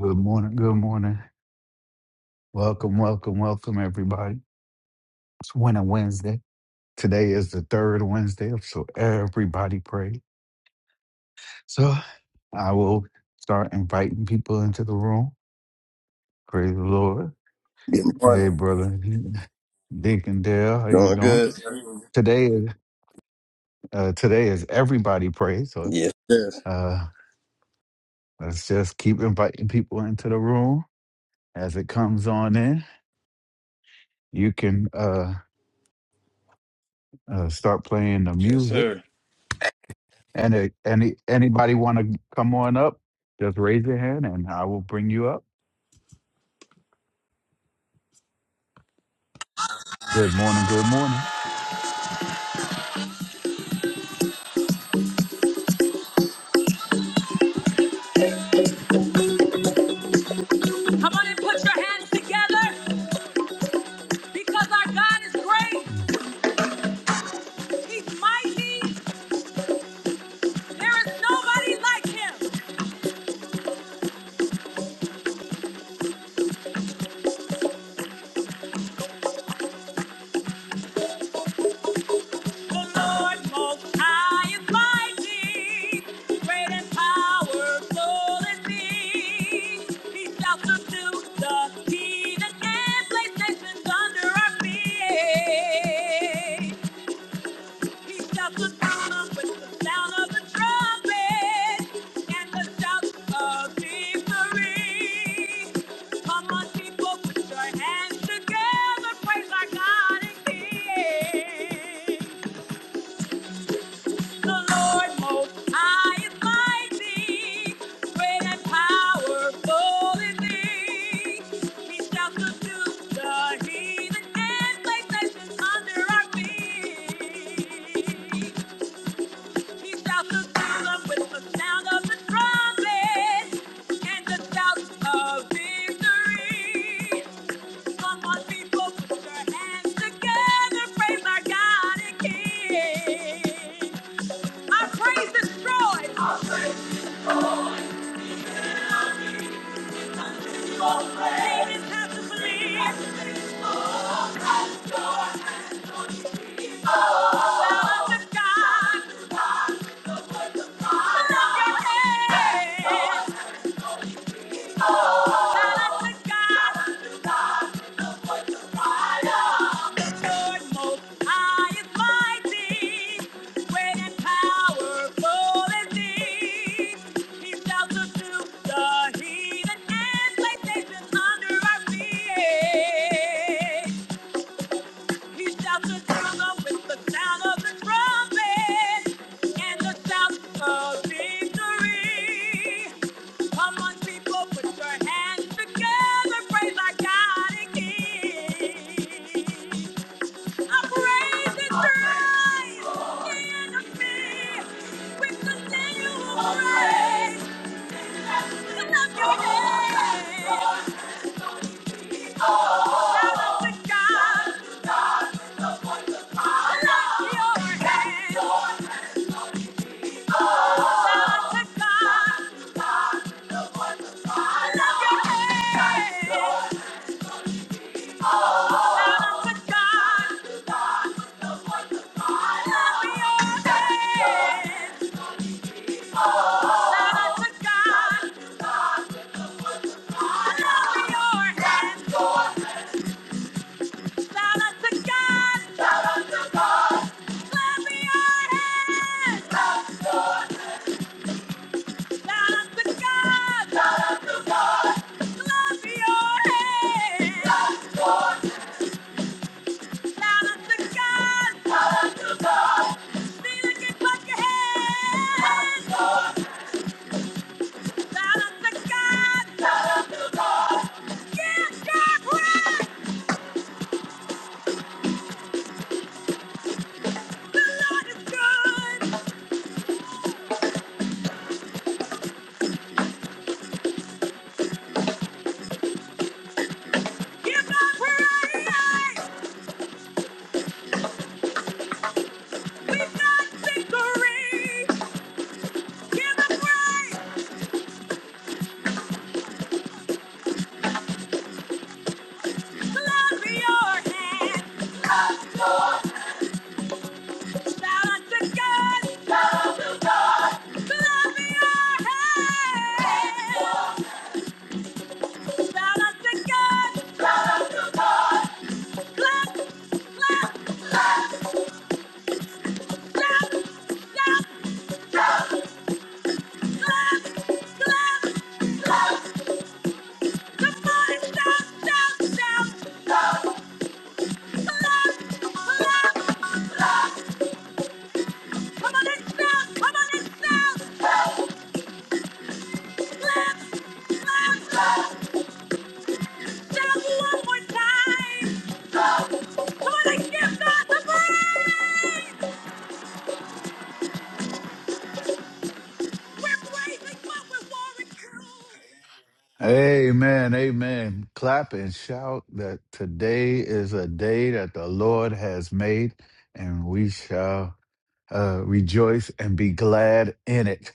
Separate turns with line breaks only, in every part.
Good morning. Good morning. Welcome, welcome, welcome, everybody. It's Winter Wednesday. Today is the third Wednesday, so everybody pray. So I will start inviting people into the room. Praise the Lord.
Good
Hey,
morning.
brother Deacon Dale, how you
Doing
doing?
good?
Today is uh, today is everybody pray. So
Yes, sir.
uh, let's just keep inviting people into the room as it comes on in. You can uh, uh, start playing the
Yes,
music.
sir.
And uh, any anybody want to come on up? Just raise your hand, and I will bring you up. Good morning. Good morning.
Come on and put your hands together because our God is great. He's mighty. There is nobody like him. The Lord most high is mighty. Great and powerful is he. He shall subdue the heathen and place nations under our feet. He shut the town up with the sound of the trumpet and the shout of victory. Come on, people, put your hands together, praise our God and The Lord Most High is mighty, great and powerful He. He shall the heathen and place nations under our feet. He shouts the kingdom with the sound of the trumpet and the shouts of victory. Come on, people, put your hands together. Praise our God and King. Our praise destroys. Demons have to flee. Shout out to God. Lift your hands. Shout out to God. The heathen and places under our feet. You shout to Judah with the sound of the trumpet and the sound of victory. Come on, people, put your hands together, praise our God and King. I praise the Christ, the enemy, with continual praise. I love your name. Shout out to God. I love your hands. Shout out to God. Clap your hands! Shout out to God!
Amen. Amen. Clap and shout that today is a day that the Lord has made, and we shall uh, rejoice and be glad in it.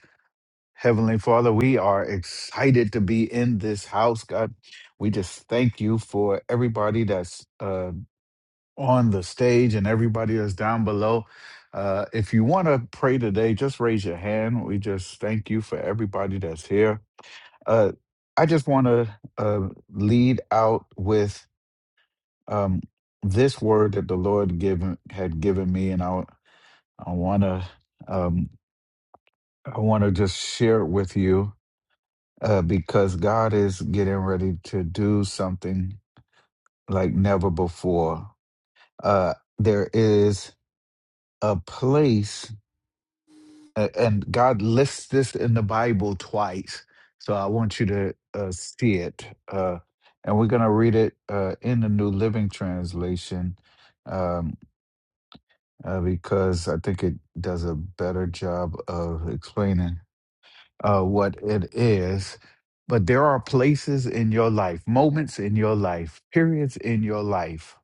Heavenly Father, we are excited to be in this house, God. We just thank you for everybody that's uh, on the stage and everybody that's down below. Uh, if you want to pray today, just raise your hand. We just thank you for everybody that's here. Uh, I just want to uh, lead out with um, this word that the Lord given had given me, and I I want to um, I want to just share it with you uh, because God is getting ready to do something like never before. Uh, there is a place A- And God lists this in the Bible twice. So I want you to uh, see it. Uh, and we're going to read it uh, in the New Living Translation um, uh, because I think it does a better job of explaining uh, what it is. But there are places in your life, moments in your life, periods in your life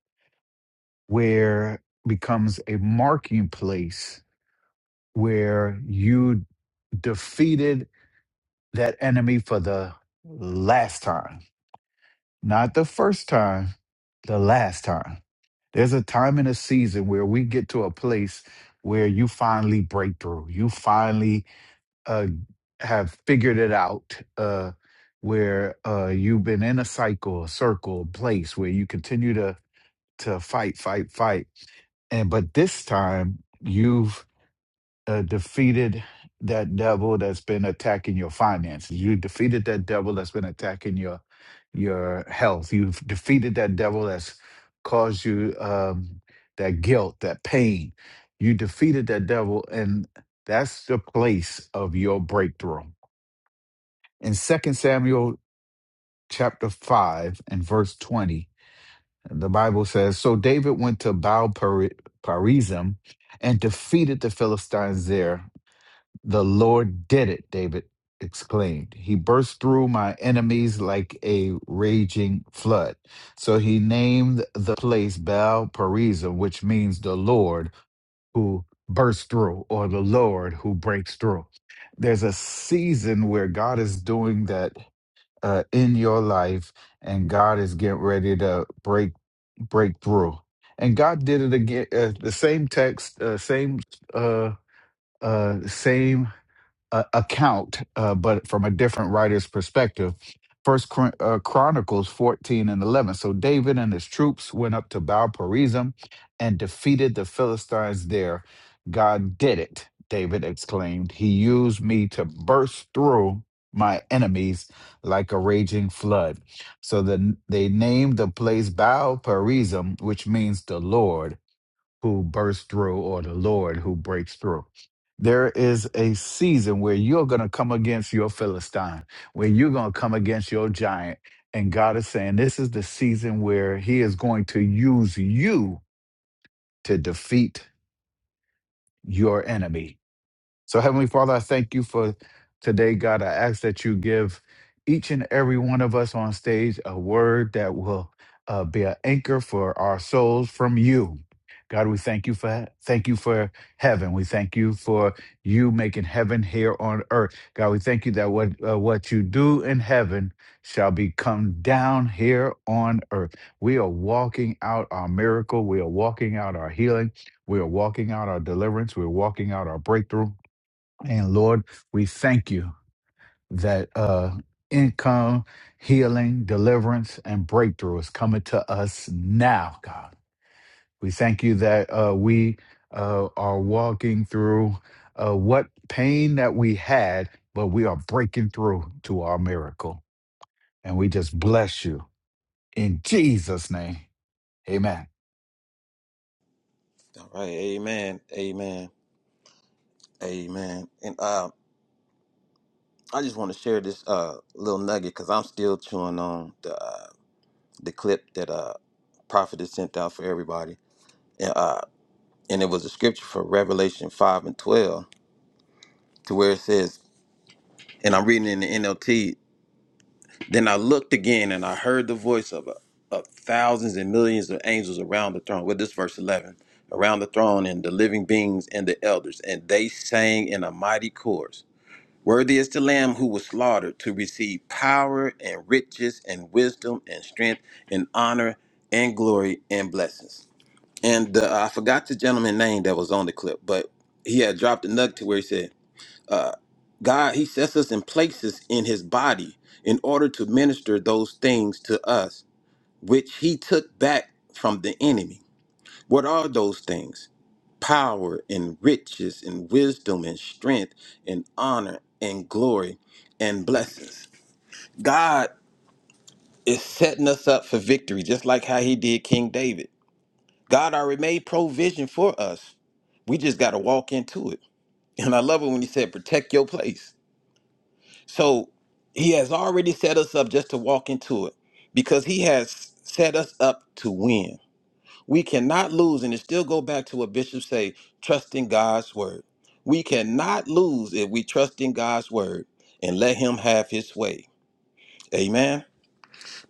where becomes a marking place where you defeated that enemy for the last time, not the first time, the last time. There's a time and a season where we get to a place where you finally break through. You finally uh, have figured it out, uh, where uh, you've been in a cycle, a circle, a place where you continue to to fight, fight, fight. And but this time you've uh, defeated that devil that's been attacking your finances. You defeated that devil that's been attacking your your health. You've defeated that devil that's caused you um, that guilt, that pain. You defeated that devil, and that's the place of your breakthrough. In Second Samuel chapter 5 and verse 20, the Bible says, So David went to Baal Perizim and defeated the Philistines there the Lord did it, David exclaimed. He burst through my enemies like a raging flood. So he named the place Baal Perizim, which means the Lord who bursts through or the Lord who breaks through. There's a season where God is doing that uh, in your life and God is getting ready to break break through. And God did it again. Uh, the same text, uh, same uh, uh, same uh, account, uh, but from a different writer's perspective. First Chron- uh, Chronicles 14 and 11. So David and his troops went up to Baal Perazim and defeated the Philistines there. God did it, David exclaimed. He used me to burst through my enemies like a raging flood. So then they named the place Baal Perazim, which means the Lord who bursts through or the Lord who breaks through. There is a season where you're going to come against your Philistine, where you're going to come against your giant. And God is saying, this is the season where He is going to use you to defeat your enemy. So, Heavenly Father, I thank you for today, God. I ask that you give each and every one of us on stage a word that will uh, be an anchor for our souls from you. God, we thank you for thank you for heaven. We thank you for you making heaven here on earth. God, we thank you that what uh, what you do in heaven shall be come down here on earth. We are walking out our miracle. We are walking out our healing. We are walking out our deliverance. We are walking out our breakthrough. And Lord, we thank you that uh, income, healing, deliverance, and breakthrough is coming to us now, God. We thank you that uh, we uh, are walking through uh, what pain that we had, but we are breaking through to our miracle. And we just bless you in Jesus' name. Amen.
All right, amen, amen, amen. And uh, I just want to share this uh little nugget because I'm still chewing on the. uh, the clip that uh prophet has sent out for everybody. And uh and it was a scripture for Revelation five and twelve to where it says, and I'm reading in the NLT, then I looked again and I heard the voice of uh, of thousands and millions of angels around the throne. Well, this verse eleven. Around the throne and the living beings and the elders, and they sang in a mighty chorus. Worthy is the Lamb who was slaughtered to receive power and riches and wisdom and strength and honor and glory and blessings. And uh, I forgot the gentleman's name that was on the clip, but he had dropped a nugget to where he said, uh, God, he sets us in places in his body in order to minister those things to us, which he took back from the enemy. What are those things? Power and riches and wisdom and strength and honor and glory and blessings. God is setting us up for victory, just like how he did King David. God already made provision for us. We just got to walk into it. And I love it when he said, protect your place. So he has already set us up just to walk into it because he has set us up to win. We cannot lose, and it still go back to what Bishop say, trust in God's word. We cannot lose if we trust in God's word and let him have his way. Amen.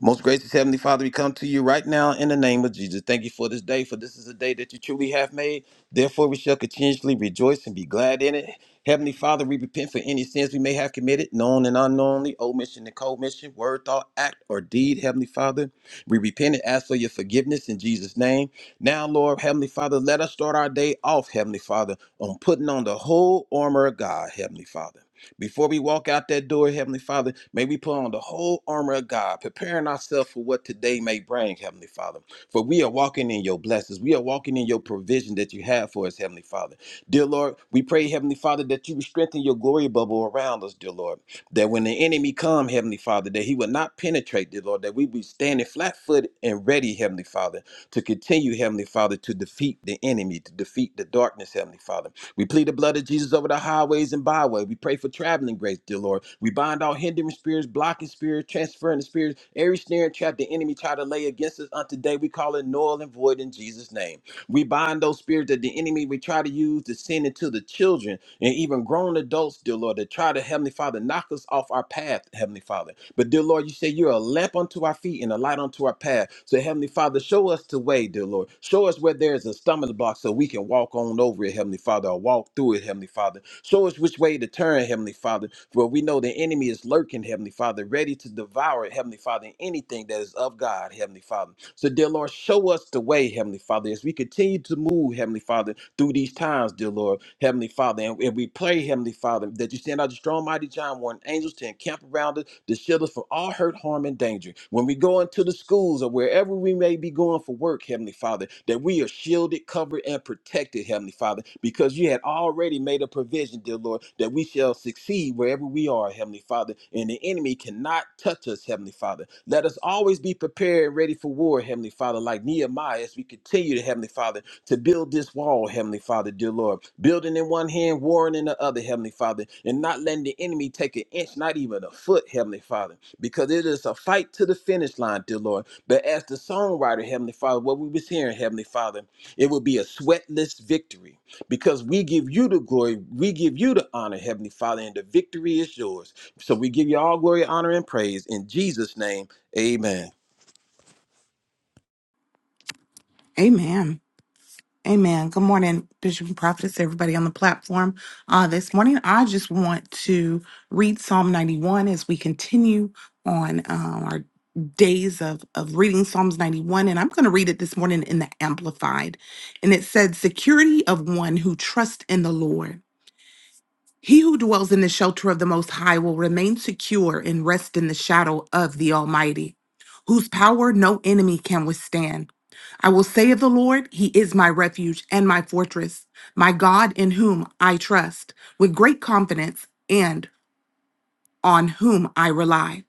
Most gracious Heavenly Father, we come to you right now in the name of Jesus. Thank you for this day, for this is a day that you truly have made. Therefore, we shall continuously rejoice and be glad in it. Heavenly Father, we repent for any sins we may have committed, known and unknowingly, omission and commission, word, thought, act, or deed. Heavenly Father, we repent and ask for your forgiveness in Jesus' name. Now, Lord, Heavenly Father, let us start our day off, Heavenly Father, on putting on the whole armor of God, Heavenly Father. Before we walk out that door, Heavenly Father, may we put on the whole armor of God, preparing ourselves for what today may bring, Heavenly Father. For we are walking in your blessings. We are walking in your provision that you have for us, Heavenly Father. Dear Lord, we pray, Heavenly Father, that you would strengthen your glory bubble around us, dear Lord. That when the enemy come, Heavenly Father, that he will not penetrate, dear Lord, that we be standing flat footed and ready, Heavenly Father, to continue, Heavenly Father, to defeat the enemy, to defeat the darkness, Heavenly Father. We plead the blood of Jesus over the highways and byway. We pray for traveling grace, dear Lord. We bind all hindering spirits, blocking spirits, transferring the spirits, every snare and trap the enemy try to lay against us. On today, we call it null and void in Jesus' name. We bind those spirits that the enemy we try to use to send into the children and even grown adults, dear Lord, that try to, Heavenly Father, knock us off our path, Heavenly Father. But, dear Lord, you say you're a lamp unto our feet and a light unto our path. So, Heavenly Father, show us the way, dear Lord. Show us where there is a stumbling block so we can walk on over it, Heavenly Father, or walk through it, Heavenly Father. Show us which way to turn, Heavenly Father, for we know the enemy is lurking, Heavenly Father, ready to devour, Heavenly Father, anything that is of God, Heavenly Father. So, dear Lord, show us the way, Heavenly Father, as we continue to move, Heavenly Father, through these times, dear Lord, Heavenly Father. And, and we pray, Heavenly Father, that you send out the strong, mighty John Warren angels to encamp around us, to shield us from all hurt, harm, and danger. When we go into the schools or wherever we may be going for work, Heavenly Heavenly Father, that we are shielded, covered, and protected, Heavenly Father, because you had already made a provision, dear Lord, that we shall succeed wherever we are, Heavenly Father, and the enemy cannot touch us, Heavenly Father. Let us always be prepared and ready for war, Heavenly Father, like Nehemiah, as we continue to, Heavenly Father, to build this wall, Heavenly Father, dear Lord, building in one hand, warring in the other, Heavenly Father, and not letting the enemy take an inch, not even a foot, Heavenly Father, because it is a fight to the finish line, dear Lord but as the songwriter, Heavenly Father, what we was hearing, Heavenly Father, it would be a sweatless victory because we give you the glory, we give you the honor, Heavenly Father, and the victory is yours. So we give you all glory, honor, and praise in Jesus' name. Amen.
Amen. Amen. Good morning, Bishop and Prophetess, everybody on the platform. Uh, this morning, I just want to read Psalm 91 as we continue on um, our days of, of reading Psalms 91. And I'm going to read it this morning in the Amplified. And it said, Security of one who trusts in the Lord. He who dwells in the shelter of the Most High will remain secure and rest in the shadow of the Almighty, whose power no enemy can withstand. I will say of the Lord, He is my refuge and my fortress, my God in whom I trust, with great confidence and on whom I rely.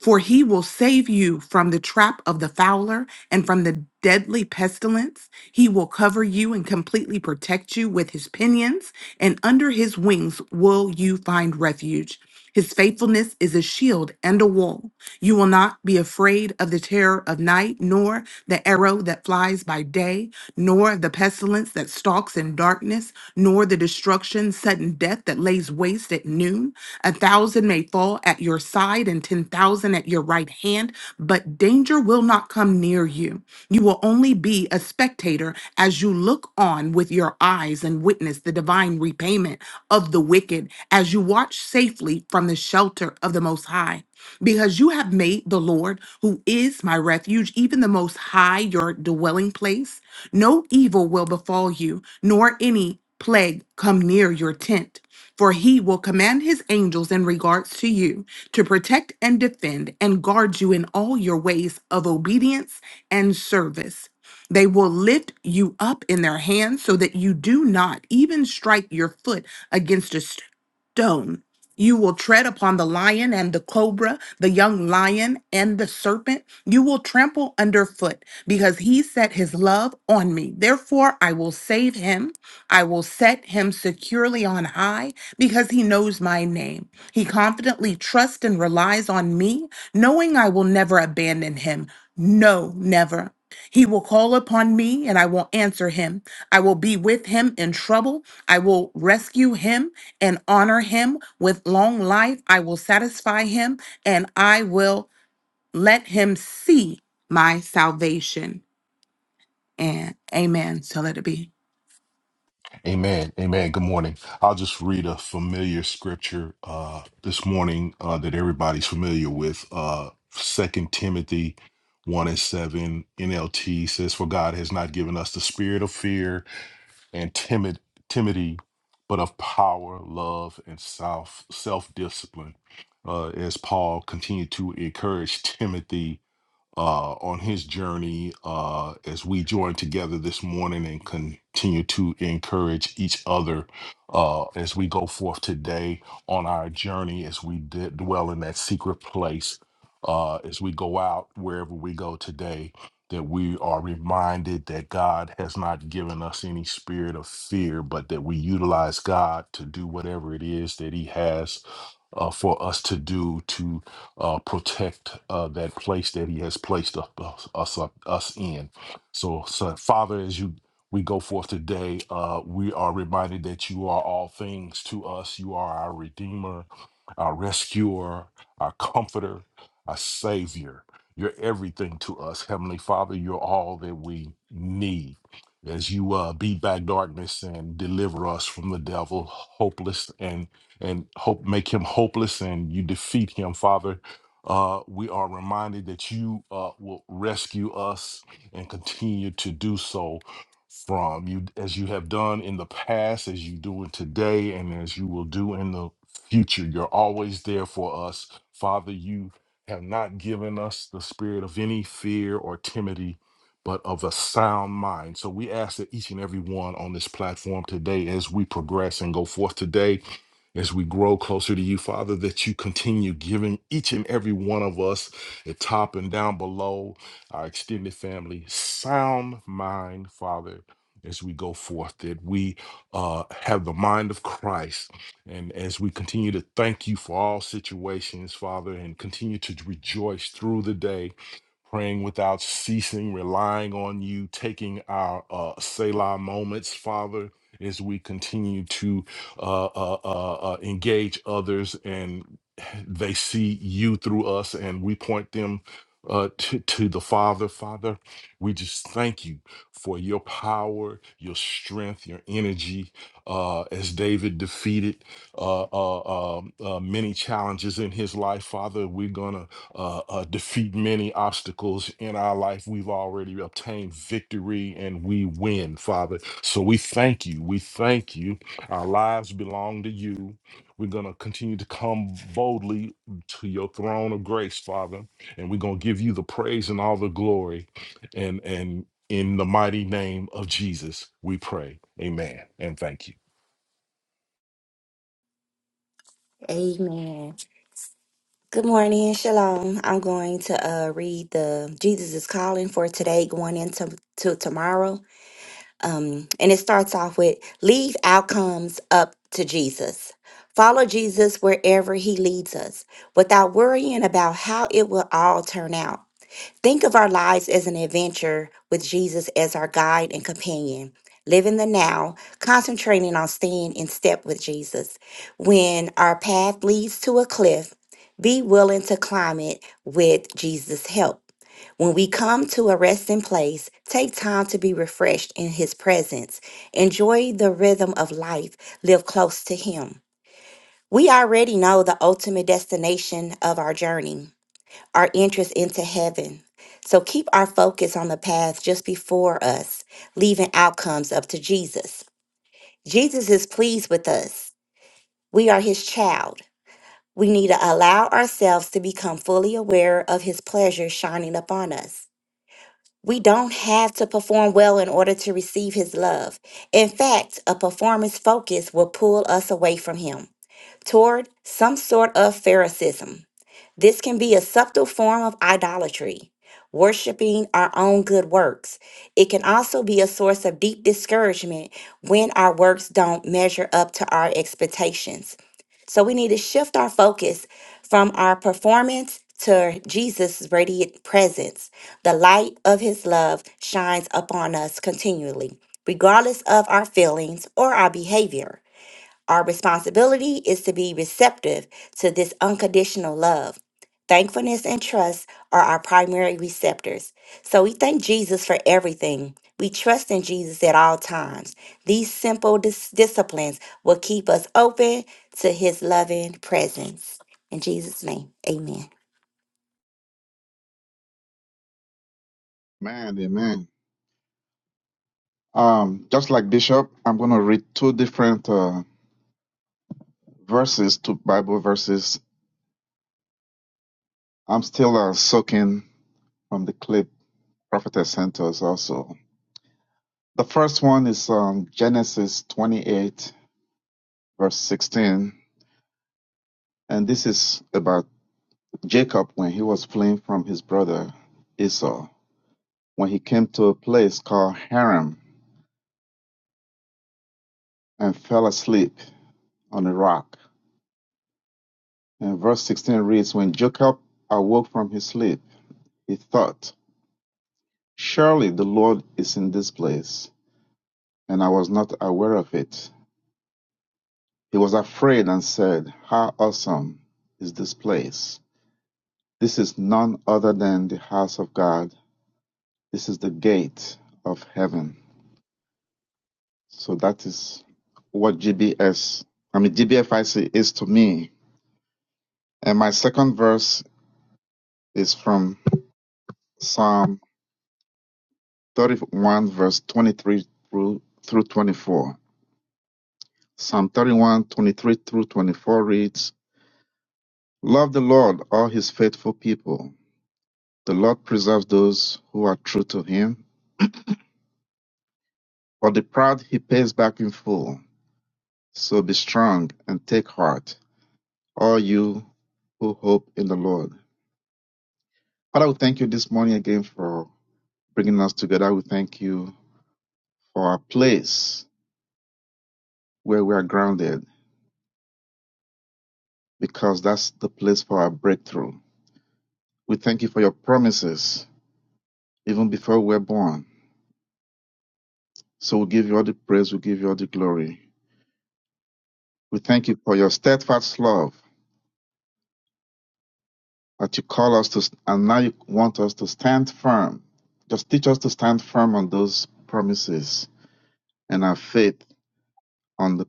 For he will save you from the trap of the fowler and from the deadly pestilence. He will cover you and completely protect you with his pinions, and under his wings will you find refuge. His faithfulness is a shield and a wall. You will not be afraid of the terror of night, nor the arrow that flies by day, nor the pestilence that stalks in darkness, nor the destruction, sudden death that lays waste at noon. A thousand may fall at your side and 10,000 at your right hand, but danger will not come near you. You will only be a spectator as you look on with your eyes and witness the divine repayment of the wicked as you watch safely from the shelter of the Most High because you have made the Lord, who is my refuge, even the Most High, your dwelling place. No evil will befall you, nor any plague come near your tent. For he will command his angels in regards to you to protect and defend and guard you in all your ways of obedience and service. They will lift you up in their hands so that you do not even strike your foot against a stone. You will tread upon the lion and the cobra, the young lion and the serpent. You will trample underfoot because he set his love on me. Therefore, I will save him. I will set him securely on high because he knows my name. He confidently trusts and relies on me, knowing I will never abandon him. No, never. He will call upon me and I will answer him. I will be with him in trouble. I will rescue him and honor him with long life. I will satisfy him and I will let him see my salvation. And amen. So let it be.
Amen. Amen. Good morning. I'll just read a familiar scripture uh, this morning uh, that everybody's familiar with. Uh, 2 Timothy 1 and 7 NLT says, For God has not given us the spirit of fear and timid timidity, but of power, love, and self self discipline. Uh, as Paul continued to encourage Timothy uh, on his journey uh, as we join together this morning and continue to encourage each other uh, as we go forth today on our journey, as we d- dwell in that secret place, uh, as we go out wherever we go today, that we are reminded that God has not given us any spirit of fear, but that we utilize God to do whatever it is that He has uh, for us to do To uh, protect uh, that place that He has placed us us, us up- us in. So, so, Father, as you we go forth today, uh, we are reminded that you are all things to us. You are our Redeemer, our Rescuer, our Comforter, our Savior. You're everything to us, Heavenly Father. You're all that we need. As you uh, beat back darkness and deliver us from the devil, hopeless and and hope make him hopeless, and you defeat him, Father uh, we are reminded that you uh, will rescue us and continue to do so from you as you have done in the past, as you do it today, and as you will do in the future. You're always there for us. Father, you have not given us the spirit of any fear or timidity, but of a sound mind. So we ask that each and every one on this platform today, as we progress and go forth today, as we grow closer to you, Father, that you continue giving each and every one of us at top and down below our extended family sound mind, Father, as we go forth, that we uh, have the mind of Christ. And as we continue to thank you for all situations, Father, and continue to rejoice through the day praying without ceasing, relying on you, taking our uh, Selah moments, Father, as we continue to uh, uh, uh, uh, engage others and they see you through us and we point them uh, to, to the Father. Father, we just thank you for your power, your strength, your energy. Uh, as David defeated uh, uh, uh, uh, many challenges in his life, Father, we're going to uh, uh, defeat many obstacles in our life. We've already obtained victory and we win, Father. So we thank you. We thank you. Our lives belong to you. We're going to continue to come boldly to your throne of grace, Father, and we're going to give you the praise and all the glory. And, and in the mighty name of Jesus, we pray. Amen. And thank you.
Amen. Good morning and shalom. I'm going to uh, read the Jesus is calling for today, going into to tomorrow. Um, and it starts off with leave outcomes up to Jesus. Follow Jesus wherever he leads us without worrying about how it will all turn out. Think of our lives as an adventure with Jesus as our guide and companion. Live in the now, concentrating on staying in step with Jesus. When our path leads to a cliff, be willing to climb it with Jesus' help. When we come to a resting place, take time to be refreshed in His presence. Enjoy the rhythm of life, live close to Him. We already know the ultimate destination of our journey our interest into heaven. So keep our focus on the path just before us, leaving outcomes up to Jesus. Jesus is pleased with us. We are his child. We need to allow ourselves to become fully aware of his pleasure shining upon us. We don't have to perform well in order to receive his love. In fact, a performance focus will pull us away from him toward some sort of Phariseeism. This can be a subtle form of idolatry, worshiping our own good works. It can also be a source of deep discouragement when our works don't measure up to our expectations. So we need to shift our focus from our performance to Jesus' radiant presence. The light of his love shines upon us continually, regardless of our feelings or our behavior. Our responsibility is to be receptive to this unconditional love. Thankfulness and trust are our primary receptors. So we thank Jesus for everything. We trust in Jesus at all times. These simple dis- disciplines will keep us open to his loving presence. In Jesus' name, amen.
Man, amen. Um, just like Bishop, I'm going to read two different uh, verses, two Bible verses. I'm still uh, soaking from the clip Prophetess sent us also. The first one is um, Genesis 28, verse 16. And this is about Jacob when he was fleeing from his brother Esau, when he came to a place called Haram and fell asleep on a rock. And verse 16 reads When Jacob awoke from his sleep, he thought, Surely the Lord is in this place, and I was not aware of it. He was afraid and said, How awesome is this place! This is none other than the house of God. This is the gate of heaven. So that is what GBS, I mean, GBFIC is to me. And my second verse is from Psalm thirty-one, verse twenty-three through through twenty-four. Psalm thirty-one, twenty-three through twenty-four reads, "Love the Lord, all His faithful people. The Lord preserves those who are true to Him, but the proud He pays back in full. So be strong and take heart, all you who hope in the Lord." Father, we thank you this morning again for bringing us together. We thank you for our place where we are grounded, because that's the place for our breakthrough. We thank you for your promises, even before we were born. So we give you all the praise, we give you all the glory. We thank you for your steadfast love that you call us to, and now you want us to stand firm. Just teach us to stand firm on those promises and our faith on the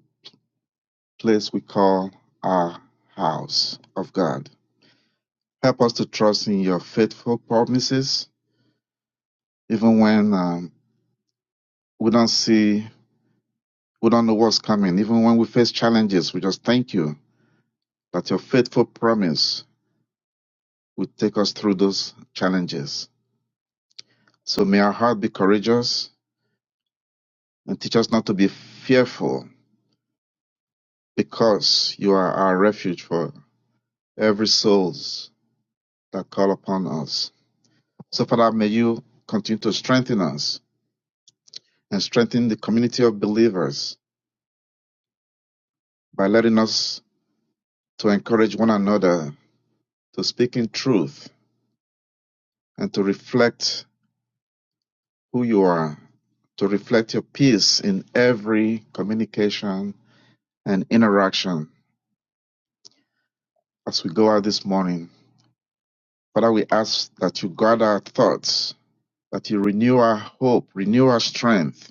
place we call our house of God. Help us to trust in your faithful promises, even when um, we don't see, we don't know what's coming, even when we face challenges. We just thank you that your faithful promise would take us through those challenges. So may our heart be courageous and teach us not to be fearful because you are our refuge for every souls that call upon us. So Father, may you continue to strengthen us and strengthen the community of believers by letting us to encourage one another to speak in truth and to reflect who you are, to reflect your peace in every communication and interaction as we go out this morning. Father, we ask that you guard our thoughts, that you renew our hope, renew our strength,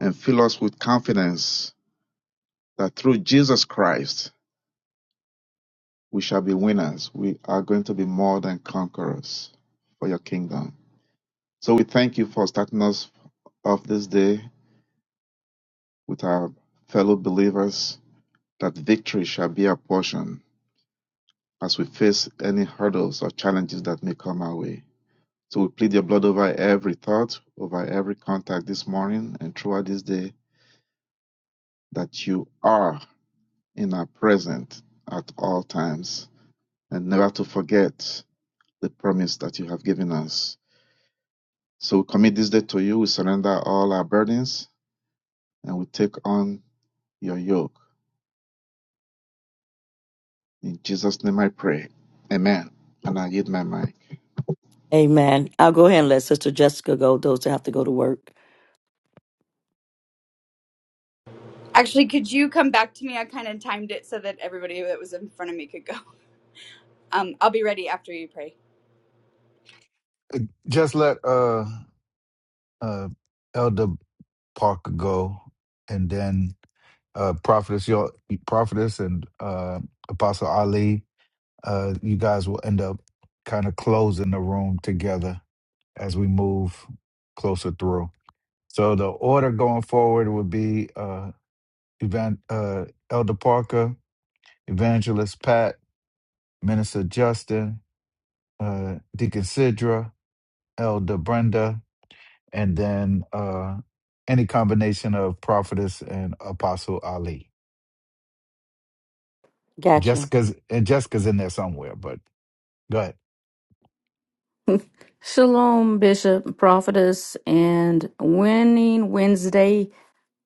and fill us with confidence that through Jesus Christ we shall be winners. We are going to be more than conquerors for your kingdom. So we thank you for starting us off this day with our fellow believers that victory shall be our portion as we face any hurdles or challenges that may come our way. So we plead your blood over every thought, over every contact this morning and throughout this day that you are in our present at all times and never to forget the promise that you have given us. So we commit this day to you. We surrender all our burdens and we take on your yoke. In Jesus' name I pray. Amen. And I yield my mic.
Amen. I'll go ahead and let Sister Jessica go, those that have to go to work.
Actually, could you come back to me? I kind of timed it so that everybody that was in front of me could go. Um, I'll be ready after you pray.
Just let uh, uh, Elder Parker go and then. uh, prophetess, your prophetess and uh, Apostle Ali, uh, you guys will end up kind of closing the room together as we move closer through. So the order going forward would be uh, Evan, uh, Elder Parker, Evangelist Pat, Minister Justin, uh, Deacon Sidra, Elder Brenda, and then uh, any combination of prophetess and Apostle Ali.
Gotcha.
Jessica's and Jessica's in there somewhere, but Go ahead.
Shalom, Bishop, Prophetess, and Winning Wednesday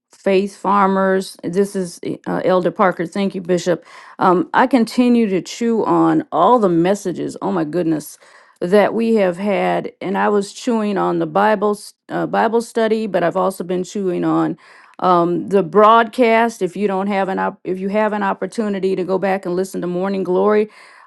Faith Farmers. This is uh, Elder Parker. Thank you, Bishop. Um, I continue to chew on all the messages, oh my goodness, that we have had. And I was chewing on the Bible, s- uh, Bible study, but I've also been chewing on um, the broadcast. If you don't have an op- if you have an opportunity to go back and listen to Morning Glory,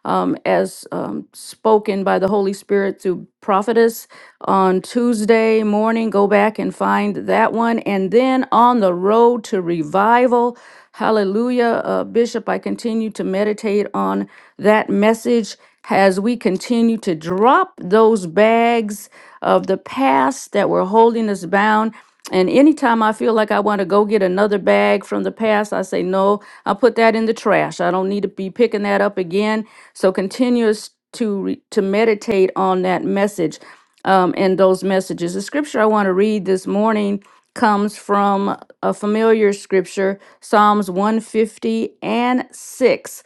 um, as um, spoken by the Holy Spirit through prophetess on Tuesday morning. Go back and find that one. And then on the road to revival, hallelujah, uh, Bishop, I continue to meditate on that message as we continue to drop those bags of the past that were holding us bound. And anytime I feel like I want to go get another bag from the past, I say, no, I'll put that in the trash. I don't need to be picking that up again. So continue to re- to meditate on that message um, and those messages. The scripture I want to read this morning comes from a familiar scripture, Psalms 150 and 6.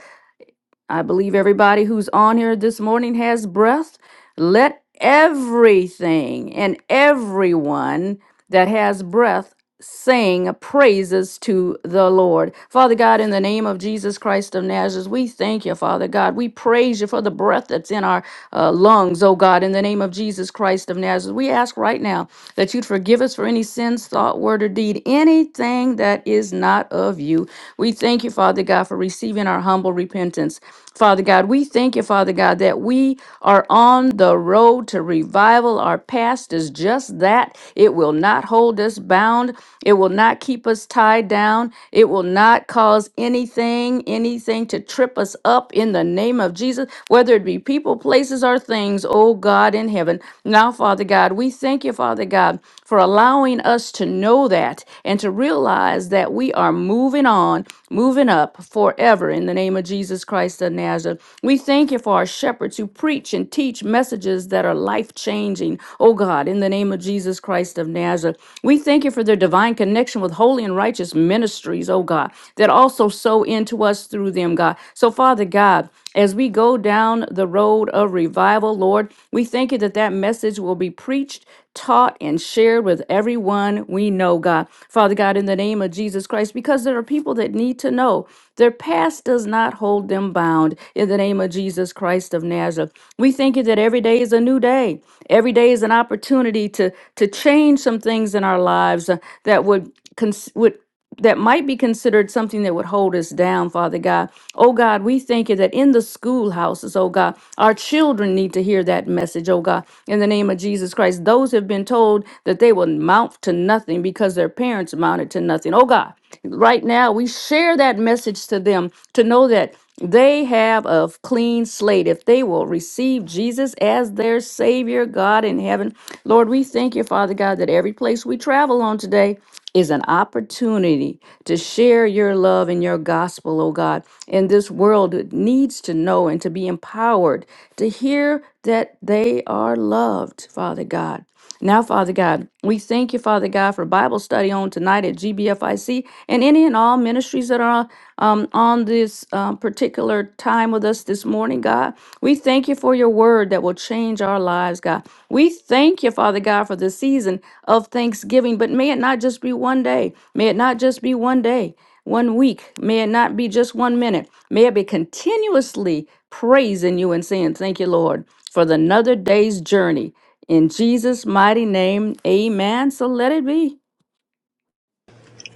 I believe everybody who's on here this morning has breath. Let everything and everyone that has breath sing praises to the Lord. Father God, in the name of Jesus Christ of Nazareth, we thank you, Father God. We praise you for the breath that's in our uh, lungs, oh God, in the name of Jesus Christ of Nazareth. We ask right now that you'd forgive us for any sins, thought, word, or deed, anything that is not of you. We thank you, Father God, for receiving our humble repentance. Father God, we thank you, Father God, that we are on the road to revival. Our past is just that. It will not hold us bound. It will not keep us tied down. It will not cause anything, anything to trip us up in the name of Jesus, whether it be people, places, or things, oh God in heaven. Now, Father God, we thank you, Father God, for allowing us to know that and to realize that we are moving on, moving up forever in the name of Jesus Christ of Nazareth. We thank you for our shepherds who preach and teach messages that are life changing, oh God, in the name of Jesus Christ of Nazareth. We thank you for their divine connection with holy and righteous ministries, oh God, that also sow into us through them, God. So, Father God, as we go down the road of revival, Lord, we thank you that that message will be preached taught and shared with everyone we know, God. Father God, in the name of Jesus Christ, because there are people that need to know their past does not hold them bound. In the name of Jesus Christ of Nazareth, we thank you that every day is a new day. Every day is an opportunity to to change some things in our lives uh, that would cons- would that might be considered something that would hold us down, Father God. Oh God, we thank you that in the schoolhouses, oh God, our children need to hear that message, oh God, in the name of Jesus Christ. Those have been told that they will mount to nothing because their parents mounted to nothing. Oh God, right now we share that message to them to know that they have a clean slate if they will receive Jesus as their Savior, God in heaven. Lord, we thank you, Father God, that every place we travel on today, is an opportunity to share your love and your gospel, oh God, And this world that needs to know and to be empowered to hear that they are loved, Father God. Now, Father God, we thank you, Father God, for Bible study on tonight at GBFIC and any and all ministries that are um, on this um, particular particular time with us this morning, God. We thank you for your word that will change our lives, God. We thank you, Father God, for the season of Thanksgiving, but may it not just be one day. May it not just be one day, one week. May it not be just one minute. May it be continuously praising you and saying, Thank you, Lord, for the another day's journey. In Jesus' mighty name, amen. So let it be.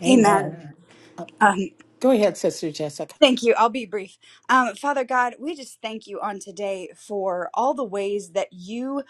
Amen.
Amen.
Uh,
Um,
Go ahead, Sister Jessica.
Thank you. I'll be brief. Um, Father God, we just thank you on today for all the ways that you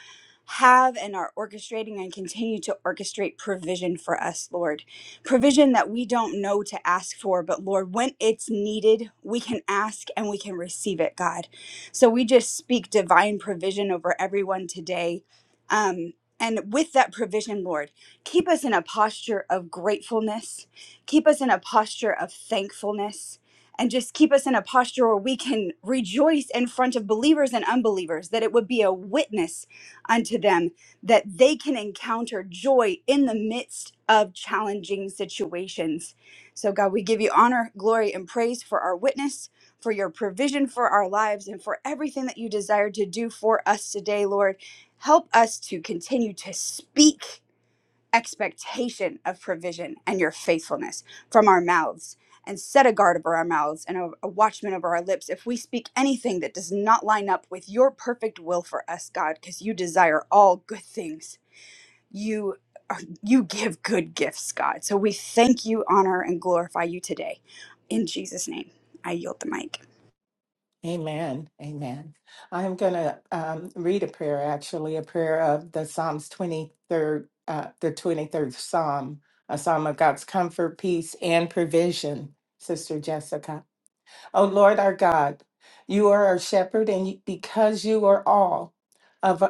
have and are orchestrating and continue to orchestrate provision for us, Lord. Provision that we don't know to ask for, but Lord, when it's needed, we can ask and we can receive it, God. So we just speak divine provision over everyone today. Um, and with that provision, Lord, keep us in a posture of gratefulness. Keep us in a posture of thankfulness and just keep us in a posture where we can rejoice in front of believers and unbelievers, that it would be a witness unto them, that they can encounter joy in the midst of challenging situations. So, God, we give you honor, glory, and praise for our witness, for your provision for our lives, and for everything that you desire to do for us today, Lord. Help us to continue to speak expectation of provision and your faithfulness from our mouths and set a guard over our mouths and a, a watchman over our lips if we speak anything that does not line up with your perfect will for us god because you desire all good things you are, you give good gifts god so we thank you honor and glorify you today in jesus name i yield the mic
Amen. Amen. I'm going to um, read a prayer, actually, a prayer of the Psalms 23rd, uh, the 23rd Psalm, a psalm of God's comfort, peace, and provision, Sister Jessica. O Lord our God, you are our shepherd, and you- because you are all of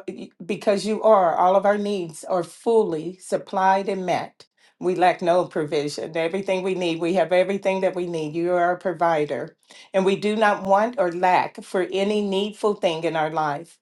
because you are all of our needs are fully supplied and met. We lack no provision. Everything we need, we have everything that we need. You are our provider, and we do not want or lack for any needful thing in our life.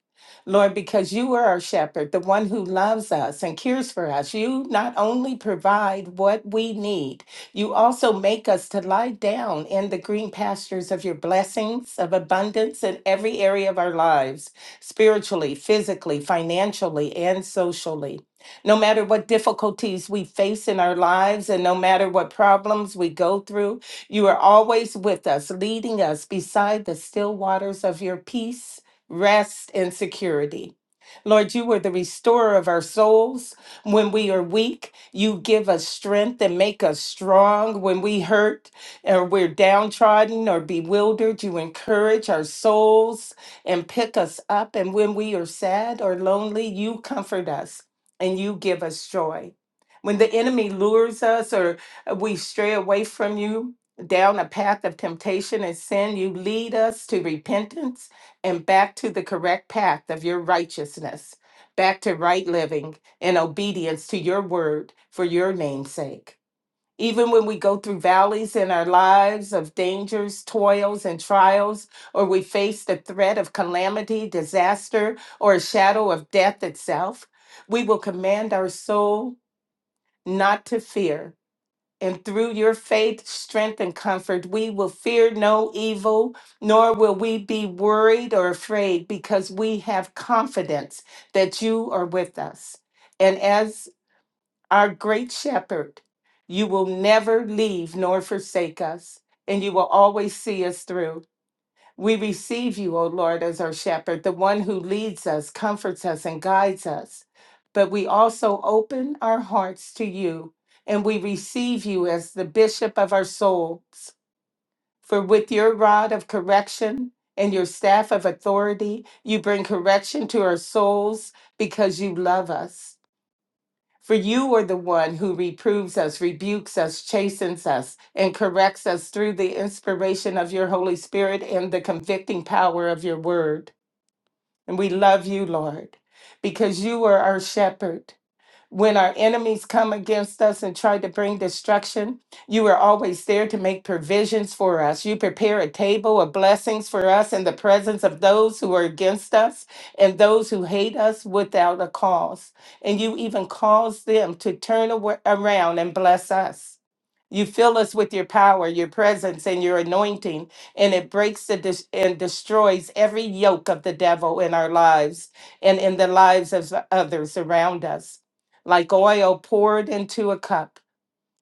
Lord, because you are our shepherd, the one who loves us and cares for us, you not only provide what we need, you also make us to lie down in the green pastures of your blessings of abundance in every area of our lives, spiritually, physically, financially, and socially. No matter what difficulties we face in our lives and no matter what problems we go through, you are always with us, leading us beside the still waters of your peace, rest, and security. Lord, you are the restorer of our souls. When we are weak, you give us strength and make us strong. When we hurt or we're downtrodden or bewildered, you encourage our souls and pick us up. And when we are sad or lonely, you comfort us and you give us joy. When the enemy lures us or we stray away from you, down a path of temptation and sin, you lead us to repentance and back to the correct path of your righteousness, back to right living and obedience to your word for your name's sake. Even when we go through valleys in our lives of dangers, toils, and trials, or we face the threat of calamity, disaster, or a shadow of death itself, we will command our soul not to fear. And through your faith, strength, and comfort, we will fear no evil, nor will we be worried or afraid, because we have confidence that you are with us. And as our great shepherd. You will never leave nor forsake us, and you will always see us through. We receive you, O Lord, as our shepherd, the one who leads us, comforts us, and guides us. But we also open our hearts to you, and we receive you as the bishop of our souls. For with your rod of correction and your staff of authority, you bring correction to our souls because you love us. For you are the one who reproves us, rebukes us, chastens us, and corrects us through the inspiration of your Holy Spirit and the convicting power of your word. And we love you, Lord, because you are our shepherd. When our enemies come against us and try to bring destruction, you are always there to make provisions for us. You prepare a table of blessings for us in the presence of those who are against us and those who hate us without a cause. And you even cause them to turn awa- around and bless us. You fill us with your power, your presence, and your anointing, and it breaks the dis- and destroys every yoke of the devil in our lives and in the lives of others around us like oil poured into a cup.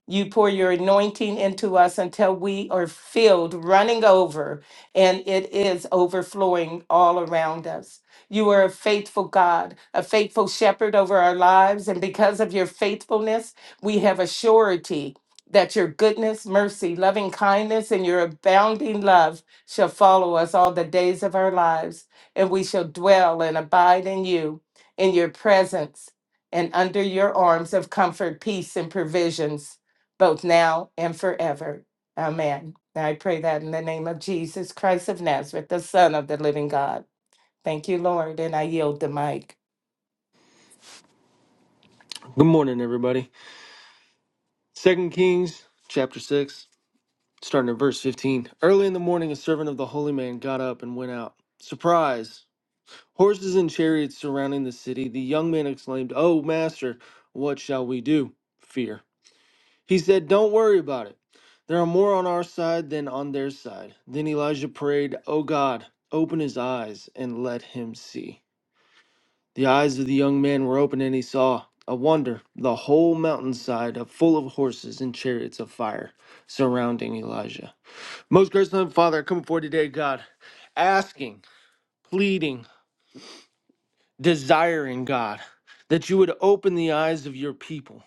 You pour your anointing into us until we are filled, running over, and it is overflowing all around us. You are a faithful God, a faithful shepherd over our lives. And because of your faithfulness, we have a surety that your goodness, mercy, loving kindness, and your abounding love shall follow us all the days of our lives. And we shall dwell and abide in you, in your presence, and under your arms of comfort, peace, and provisions both now and forever. Amen. And I pray that in the name of Jesus Christ of Nazareth, the Son of the living God. Thank you, Lord, and I yield the mic.
Good morning, everybody. Second Kings chapter six, starting at verse fifteen. Early in the morning, a servant of the holy man got up and went out. Surprise! Horses and chariots surrounding the city. The young man exclaimed, "Oh, master, what shall we do?" Fear. He said, "Don't worry about it. There are more on our side than on their side." Then Elijah prayed, "Oh God, open his eyes and let him see." The eyes of the young man were open, and he saw a wonder the whole mountainside of- full of horses and chariots of fire surrounding Elijah. Most gracious Heavenly Father, I come before you today, God, asking, pleading, desiring, God, that you would open the eyes of your people.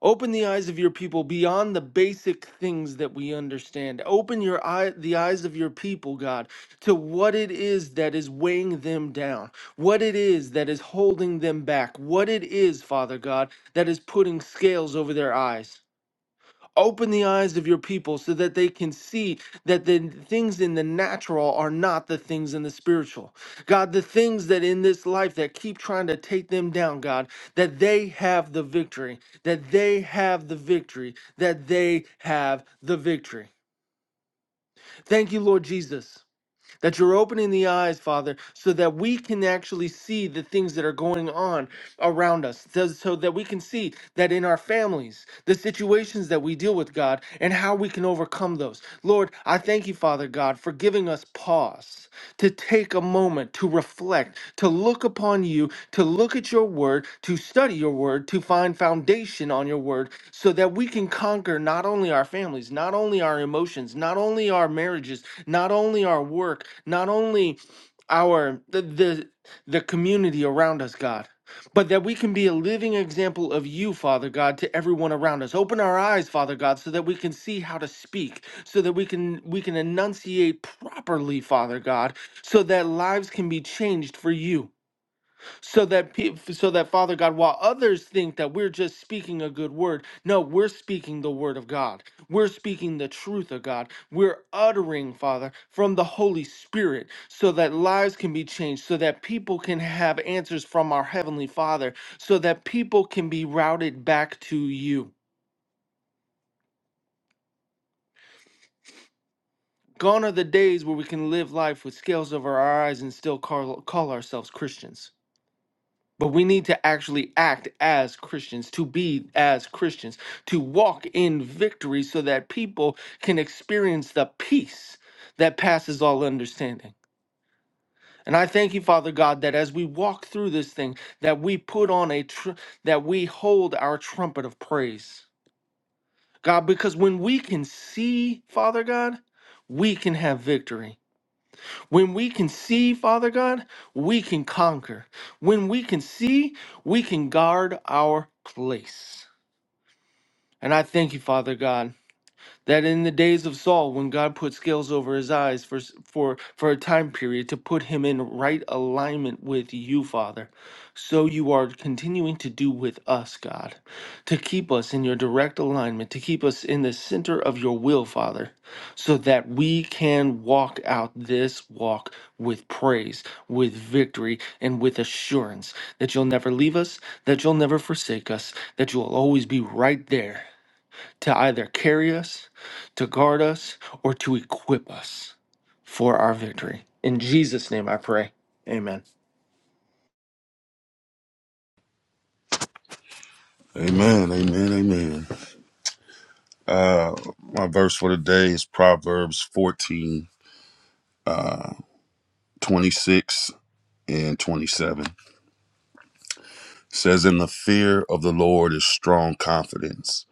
Open the eyes of your people beyond the basic things that we understand. Open your eye, the eyes of your people, God, to what it is that is weighing them down, what it is that is holding them back, what it is, Father God, that is putting scales over their eyes. Open the eyes of your people so that they can see that the things in the natural are not the things in the spiritual. God, the things that in this life that keep trying to take them down, God, that they have the victory, that they have the victory, that they have the victory. Thank you, Lord Jesus that you're opening the eyes, Father, so that we can actually see the things that are going on around us, so so that we can see that in our families, the situations that we deal with, God, and how we can overcome those. Lord, I thank you, Father God, for giving us pause to take a moment to reflect, to look upon you, to look at your word, to study your word, to find foundation on your word, so that we can conquer not only our families, not only our emotions, not only our marriages, not only our work, not only our the the, the community around us, God, but that we can be a living example of you, Father God, to everyone around us. Open our eyes, Father God, so that we can see how to speak, so that we can we can enunciate properly, Father God, so that lives can be changed for you so that pe- so that Father God, while others think that we're just speaking a good word, no, we're speaking the word of God. We're speaking the truth of God. We're uttering, Father, from the Holy Spirit, so that lives can be changed, so that people can have answers from our heavenly Father, so that people can be routed back to you. Gone are the days where we can live life with scales over our eyes and still call, call ourselves Christians. But we need to actually act as Christians, to be as Christians, to walk in victory so that people can experience the peace that passes all understanding. And I thank you, Father God, that as we walk through this thing, that we put on a tr- that we hold our trumpet of praise. God, because when we can see, Father God, we can have victory when we can see, Father God, we can conquer. When we can see, we can guard our place. And I thank you, Father God that in the days of Saul, when God put scales over his eyes for, for, for a time period to put him in right alignment with you, Father, so you are continuing to do with us, God, to keep us in your direct alignment, to keep us in the center of your will, Father, so that we can walk out this walk with praise, with victory, and with assurance that you'll never leave us, that you'll never forsake us, that you'll always be right there to either carry us, to guard us, or to equip us for our victory. In Jesus' name I pray. Amen.
Amen, amen, amen. Uh, my verse for the day is Proverbs 14, uh, 26 and 27. says, In the fear of the Lord is strong confidence,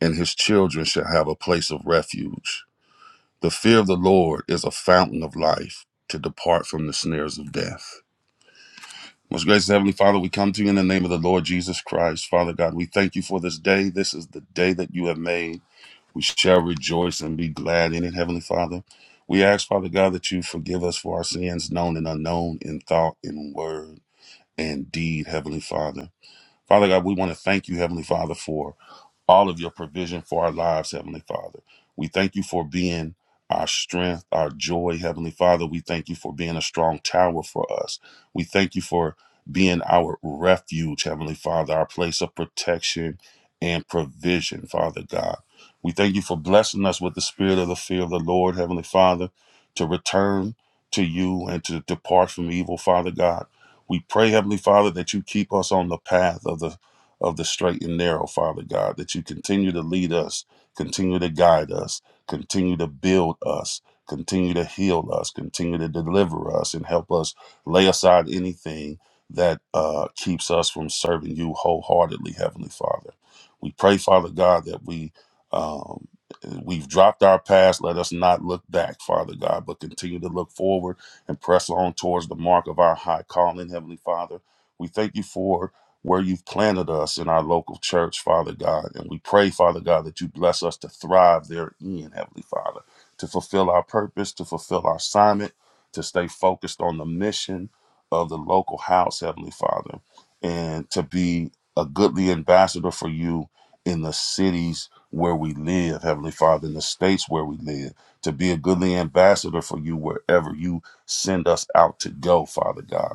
and his children shall have a place of refuge. The fear of the Lord is a fountain of life to depart from the snares of death. Most gracious Heavenly Father, we come to you in the name of the Lord Jesus Christ. Father God, we thank you for this day. This is the day that you have made. We shall rejoice and be glad in it, Heavenly Father. We ask, Father God, that you forgive us for our sins, known and unknown, in thought, in word, and deed, Heavenly Father. Father God, we want to thank you, Heavenly Father, for all of your provision for our lives, Heavenly Father. We thank you for being our strength, our joy, Heavenly Father. We thank you for being a strong tower for us. We thank you for being our refuge, Heavenly Father, our place of protection and provision, Father God. We thank you for blessing us with the spirit of the fear of the Lord, Heavenly Father, to return to you and to depart from evil, Father God. We pray, Heavenly Father, that you keep us on the path of the of the straight and narrow, Father God, that you continue to lead us, continue to guide us, continue to build us, continue to heal us, continue to deliver us, and help us lay aside anything that uh, keeps us from serving you wholeheartedly, Heavenly Father. We pray, Father God, that we. Um, we've dropped our past. Let us not look back, Father God, but continue to look forward and press on towards the mark of our high calling, Heavenly Father. We thank you for where you've planted us in our local church, Father God. And we pray, Father God, that you bless us to thrive therein, Heavenly Father, to fulfill our purpose, to fulfill our assignment, to stay focused on the mission of the local house, Heavenly Father, and to be a goodly ambassador for you in the cities where we live, Heavenly Father, in the states where we live, to be a goodly ambassador for you wherever you send us out to go, Father God.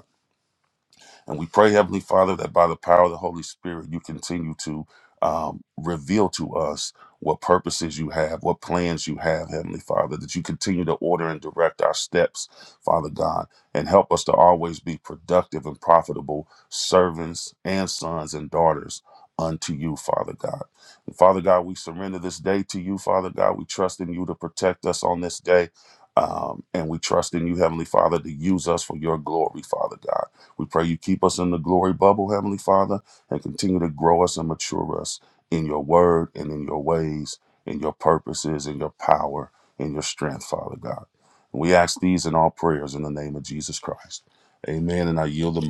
And we pray, Heavenly Father, that by the power of the Holy Spirit, you continue to um, reveal to us what purposes you have, what plans you have, Heavenly Father, that you continue to order and direct our steps, Father God, and help us to always be productive and profitable servants and sons and daughters unto you, Father God. And Father God, we surrender this day to you, Father God. We trust in you to protect us on this day. Um, and we trust in you, Heavenly Father, to use us for your glory, Father God. We pray you keep us in the glory bubble, Heavenly Father, and continue to grow us and mature us in your word and in your ways, in your purposes, in your power, in your strength, Father God. And we ask these in all prayers in the name of Jesus Christ. Amen. And I yield the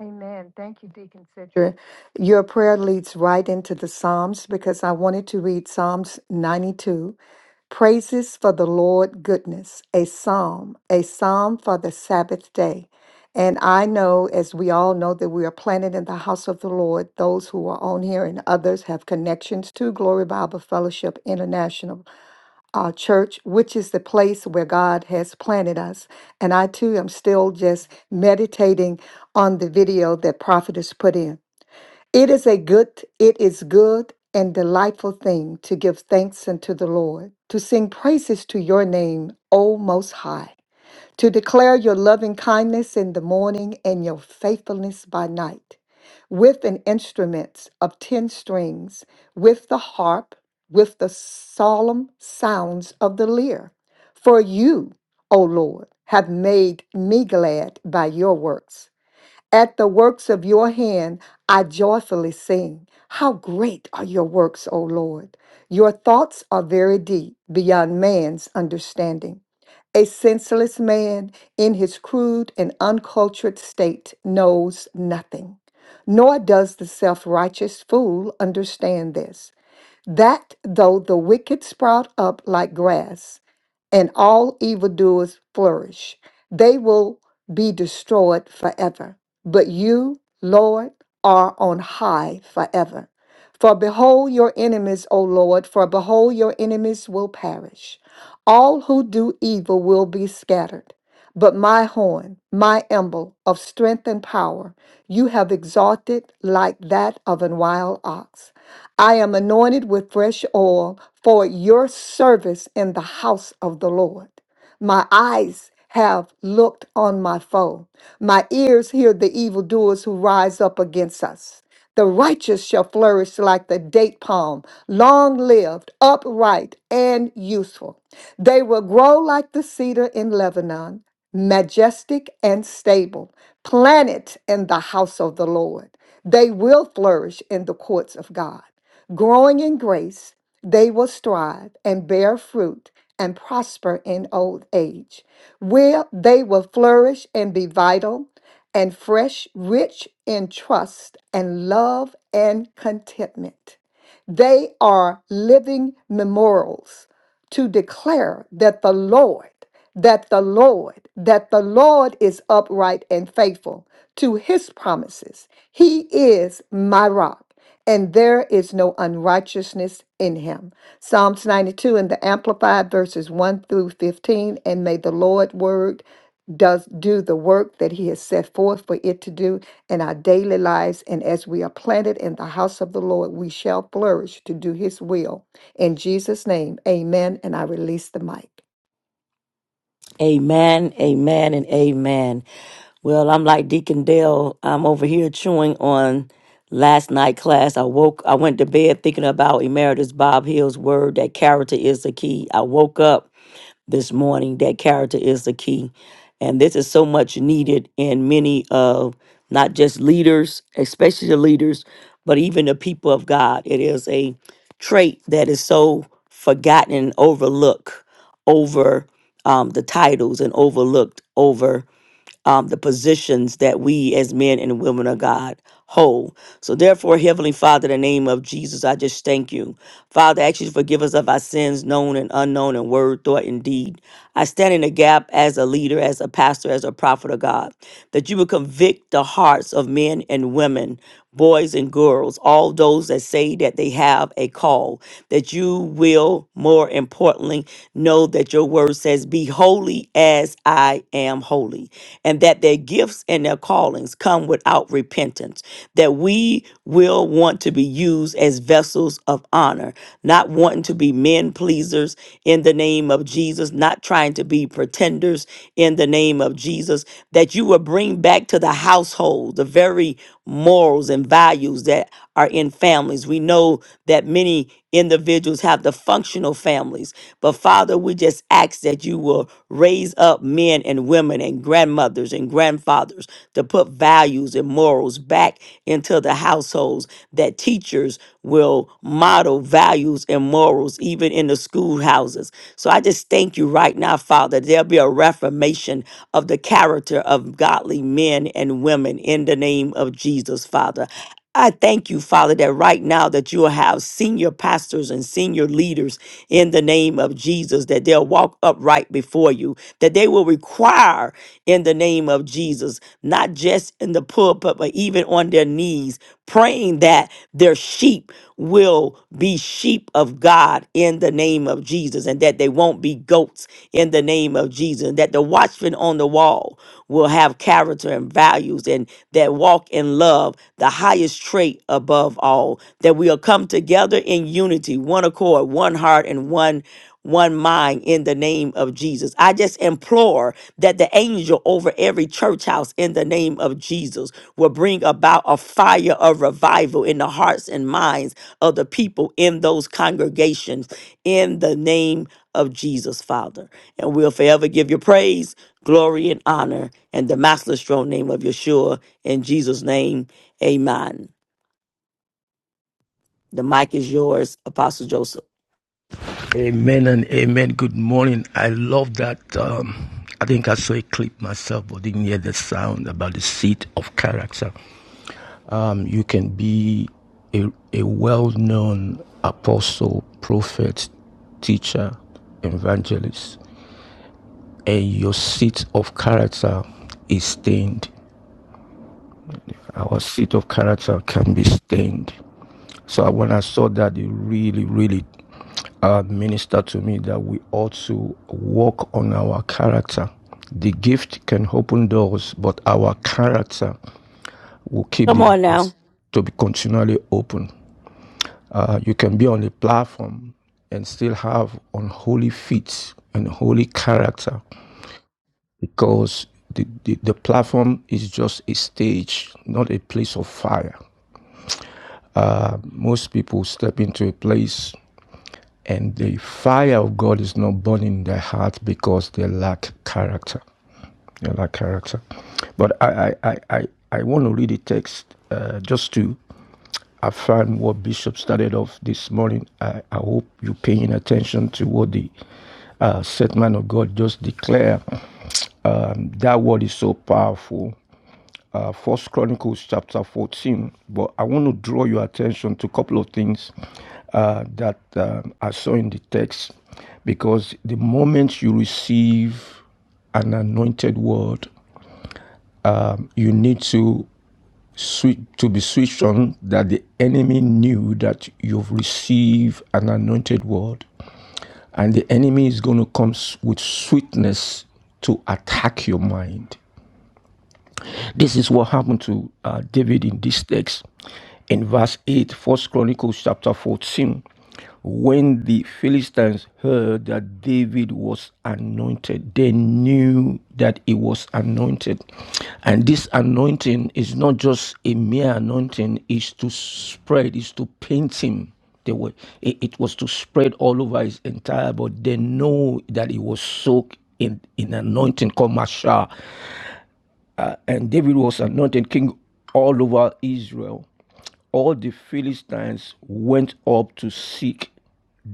Amen. Thank you, Deacon Sidra. Your prayer leads right into the Psalms because I wanted to read Psalms 92. Praises for the Lord goodness, a psalm, a psalm for the Sabbath day. And I know, as we all know, that we are planted in the house of the Lord. Those who are on here and others have connections to Glory Bible Fellowship International uh, church, which is the place where God has planted us. And I too am still just meditating on the video that Prophet has put in. It is a good, it is good and delightful thing to give thanks unto the Lord, to sing praises to your name, O Most High to declare your loving kindness in the morning and your faithfulness by night, with an instrument of ten strings, with the harp, with the solemn sounds of the lyre. For you, O Lord, have made me glad by your works. At the works of your hand, I joyfully sing. How great are your works, O Lord! Your thoughts are very deep, beyond man's understanding. A senseless man in his crude and uncultured state knows nothing, nor does the self righteous fool understand this. That though the wicked sprout up like grass, and all evildoers flourish, they will be destroyed forever. But you, Lord, are on high forever. For behold your enemies, O Lord, for behold your enemies will perish. All who do evil will be scattered. But my horn, my emblem of strength and power, you have exalted like that of an wild ox. I am anointed with fresh oil for your service in the house of the Lord. My eyes have looked on my foe. My ears hear the evildoers who rise up against us. The righteous shall flourish like the date palm, long lived, upright, and useful. They will grow like the cedar in Lebanon, majestic and stable, planted in the house of the Lord. They will flourish in the courts of God. Growing in grace, they will strive and bear fruit and prosper in old age. Will they will flourish and be vital and fresh, rich in trust and love and contentment. They are living memorials to declare that the Lord, that the Lord, that the Lord is upright and faithful to his promises. He is my rock, and there is no unrighteousness in him. Psalms 92 in the Amplified verses 1 through 15, and may the Lord word does do the work that he has set forth for it to do in our daily lives and as we are planted in the house of the Lord we shall flourish to do his will in Jesus' name, amen. And I release the mic.
Amen, amen, and amen. Well, I'm like Deacon Dale. I'm over here chewing on last night class. I woke, I went to bed thinking about Emeritus Bob Hill's word that character is the key. I woke up this morning. That character is the key. And this is so much needed in many of not just leaders, especially the leaders, but even the people of God. It is a trait that is so forgotten and overlooked over um, the titles and overlooked over um, the positions that we as men and women of God hold. So, therefore, Heavenly Father, in the name of Jesus, I just thank you. Father, I Ask you to forgive us of our sins, known and unknown, in word, thought, and deed. I stand in the gap as a leader, as a pastor, as a prophet of God, that you would convict the hearts of men and women. Boys and girls apostles, all those that say that they have a call, that you will, more importantly, know that your word says, Be holy as I am holy, and that their gifts and their callings come without repentance, that we will want to be used as vessels of honor, not wanting to be men pleasers in the name of Jesus, not trying to be pretenders in the name of Jesus, that you will bring back to the household the very morals and values that are in families. We know that many individuals have the functional families. But Father, we just ask that you will raise up men and women and grandmothers and grandfathers to put values and morals back into the households, that teachers will model values and morals even in the schoolhouses. So I just thank you right now, Father. There'll be a reformation of the character of godly men and women in the name of Jesus, Father. I thank you, Father, that right now that you will have senior pastors and senior leaders in the name of Jesus, that they'll walk upright before you, that they will require in the name of Jesus, not just in the pulpit, but even on their knees, praying that their sheep will be sheep of God in the name of Jesus and that they won't be goats in the name of Jesus, and that the watchman on the wall will have character and values and that walk in love, the highest trait above all, that we'll come together in unity, one accord, one heart, and one one mind in the name of Jesus. I just implore that the angel over every church house in the name of Jesus will bring about a fire of revival in the hearts and minds of the people in those congregations in the name of Jesus, Father. And we'll forever give you praise, glory, and honor and the matchless strong name of Yeshua. In Jesus' name, amen. The mic is yours, Apostle Joseph.
Amen and amen. Good morning. I love that. Um, I think I saw a clip myself, but didn't hear the sound about the seat of character. Um, you can be a, a well known apostle, prophet, teacher, evangelist, and your seat of character is stained. Our seat of character can be stained. So when I saw that, it really, really uh, minister to me that we ought to work on our character. The gift can open doors, but our character will keep
Come
the
on now.
doors to be continually open. Uh, you can be on a platform and still have unholy feet and holy character because the, the, the platform is just a stage, not a place of fire. Uh, most people step into a place And the fire of God is not burning in their heart because they lack character. They lack character. But I, I, I, I, want to read the text uh, just to affirm what Bishop started off this morning. I, I hope you're paying attention to what the uh, set man of God just declared. Um, that word is so powerful uh, First Chronicles chapter 14, but I want to draw your attention to a couple of things uh, that um, I saw in the text because the moment you receive an anointed word, um, you need to switch to be switched on that the enemy knew that you've received an anointed word, and the enemy is going to come with sweetness to attack your mind. This is what happened to uh, David in this text. In verse 8, First Chronicles chapter 14, when the Philistines heard that David was anointed, they knew that he was anointed. And this anointing is not just a mere anointing, it's to spread, it's to paint him. They were, it, it was to spread all over his entire body. They know that he was soaked in, in anointing called Mashah uh, and David was anointed king all over Israel, all the Philistines went up to seek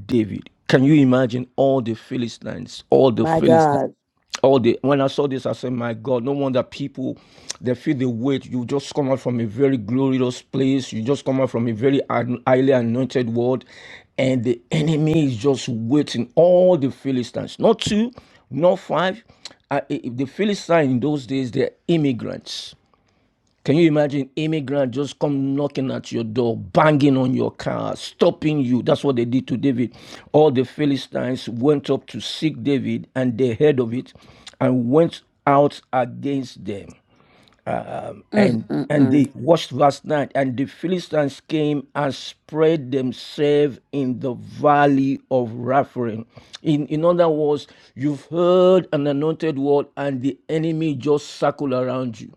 David. Can you imagine all the Philistines? All the
My
Philistines
God.
all the when I saw this, I said, My God, no wonder people they feel the weight. You just come out from a very glorious place, you just come out from a very highly anointed world, and the enemy is just waiting. All the Philistines, not two, not five. Uh, i- i- the Philistines in those days, they're immigrants can you imagine immigrants just come knocking at your door, banging on your car, stopping you? That's what they did to David. All the Philistines went up to seek David, and they heard of it, and went out against them. And and
Mm-mm-mm.
they watched verse 9. And the Philistines came and spread themselves in the valley of Rephaim. In in other words, you've heard an anointed word, and the enemy just circle around you.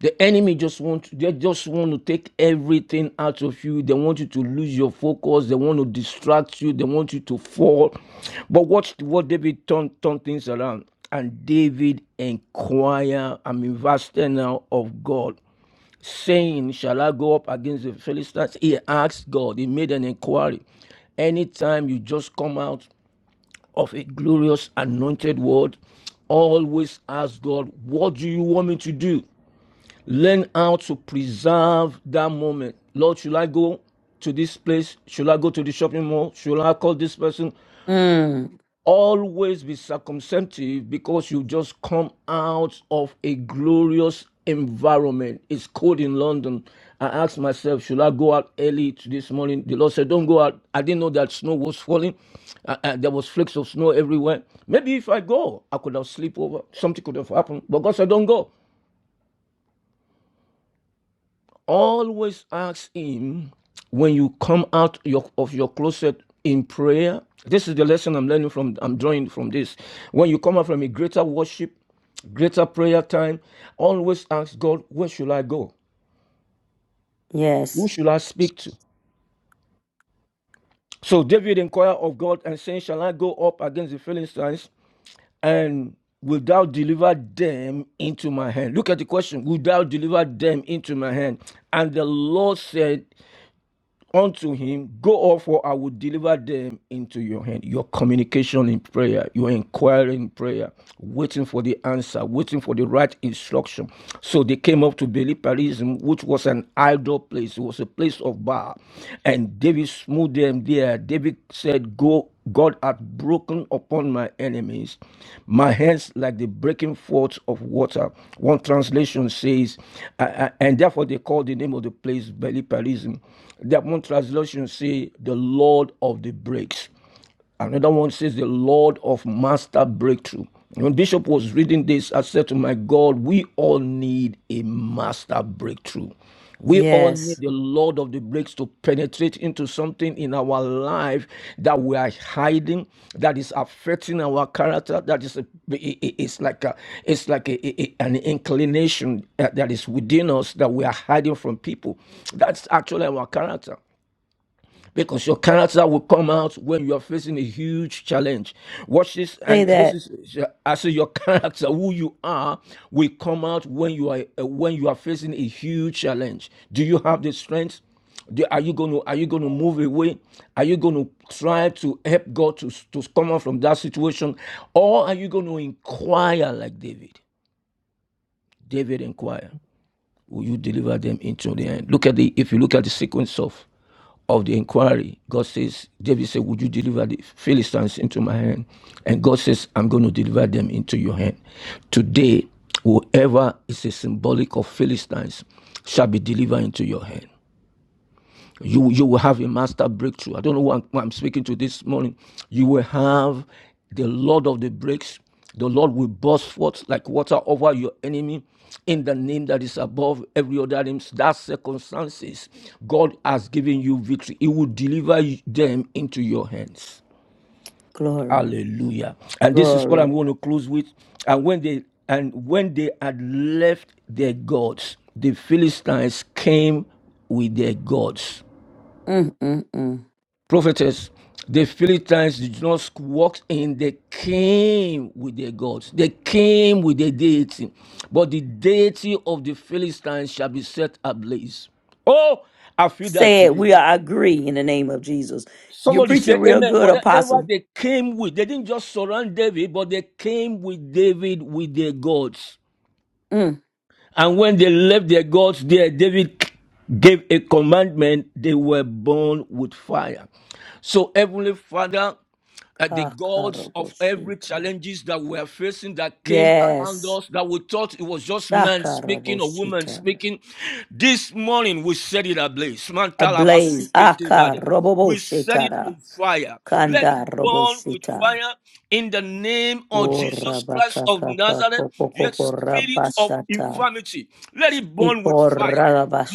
The enemy just want to, they just want to take everything out of you. They want you to lose your focus. They want to distract you. They want you to fall. But watch what David turned turned things around. And David inquire, I'm in verse 10 now of God, saying, Shall I go up against the Philistines? He asked God, he made an inquiry. Anytime you just come out of a glorious anointed word, always ask God, What do you want me to do? Learn how to preserve that moment. Lord, should I go to this place? Should I go to the shopping mall? Should I call this person?
Mm,
Always be circumspective because you just come out of a glorious environment. It's cold in London. I asked myself, should I go out early to this morning? The Lord said, don't go out. I didn't know that snow was falling. Uh, uh, there was flakes of snow everywhere. Maybe if I go, I could have slept over. Something could have happened. But God said, don't go. always ask him when you come out your, of your closet in prayer this is the lesson i'm learning from i'm drawing from this when you come out from a greater worship greater prayer time always ask god where should i go who
yes,
should i speak to so david inquired of god and saying shall i go up against the philistines and Will thou deliver them into my hand? Look at the question. Will thou deliver them into my hand? And the Lord said, unto him, Go off, for I will deliver them into your hand. Your communication in prayer, your inquiry in prayer, waiting for the answer, waiting for the right instruction. So they came up to Beliparism, which was an idol place, it was a place of Baal. And David smote them there. David said, Go God hath broken upon my enemies, my hands like the breaking forth of water. One translation says, uh, uh, and therefore they called the name of the place Beliparism. That one one translation say the Lord of the breaks. Another one says the Lord of master breakthrough. When Bishop was reading this, I said to my God, we all need a master breakthrough. We all need
yes.
the Lord of the breaks to penetrate into something in our life that we are hiding, that is affecting our character. That is, a, it's like a, it's like a, a- an inclination uh, that is within us that we are hiding from people. That's actually our character because your character will come out when you are facing a huge challenge. Watch this,
Say
and this
that.
is as your character, who you are, will come out when you are uh, when you are facing a huge challenge. Do you have the strength? Do- are you going to are you going to move away? Are you going to try to help God to to come out from that situation, or are you going to inquire like David? David inquired will you deliver them into the end? Look at the if you look at the sequence of of the inquiry, God says, David said, Would you deliver the Philistines into my hand? And God says, I'm going to deliver them into your hand. Today, whoever is a symbolic of Philistines shall be delivered into your hand you you will have a master breakthrough. I don't know who I'm, who I'm speaking to this morning. You will have the Lord of the breaks. The Lord will burst forth like water over your enemy in the name that is above every other name. That circumstances, God has given you victory. He will deliver them into your hands.
Glory,
Hallelujah. And this is what I'm
glory.
going to close with. And when they and when they had left their gods, the Philistines came with their gods
Mm, mm, mm.
prophetess, the Philistines did not walk in, they came with their gods, they came with their deity. But the deity of the Philistines shall be set ablaze. Oh, I feel that
Say it.
today.
We are agree in the name of Jesus. You're
Somebody
preaching
say
real
amen.
good,
Whatever
Apostle.
they came with, they didn't just surround David, but they came with David with their gods.
Mm.
And when they left their gods there, David gave a commandment, they were burned with fire. So, Heavenly Father, uh, the gods of every
Akaraboshita.
challenges that we are facing that came around
Yes.
us that we thought it was just men speaking or women
Akaraboshita.
speaking. This morning we set it ablaze.
Ablaze.
Mantalabasuketebada. We set it
Akaraboshita.
on fire. Let it
Kanda
burn with
robosita.
fire in the name of Jesus Christ of Nazareth. Your
Orabakakakakokoko
spirit of
rabashata.
infirmity, let it burn with fire.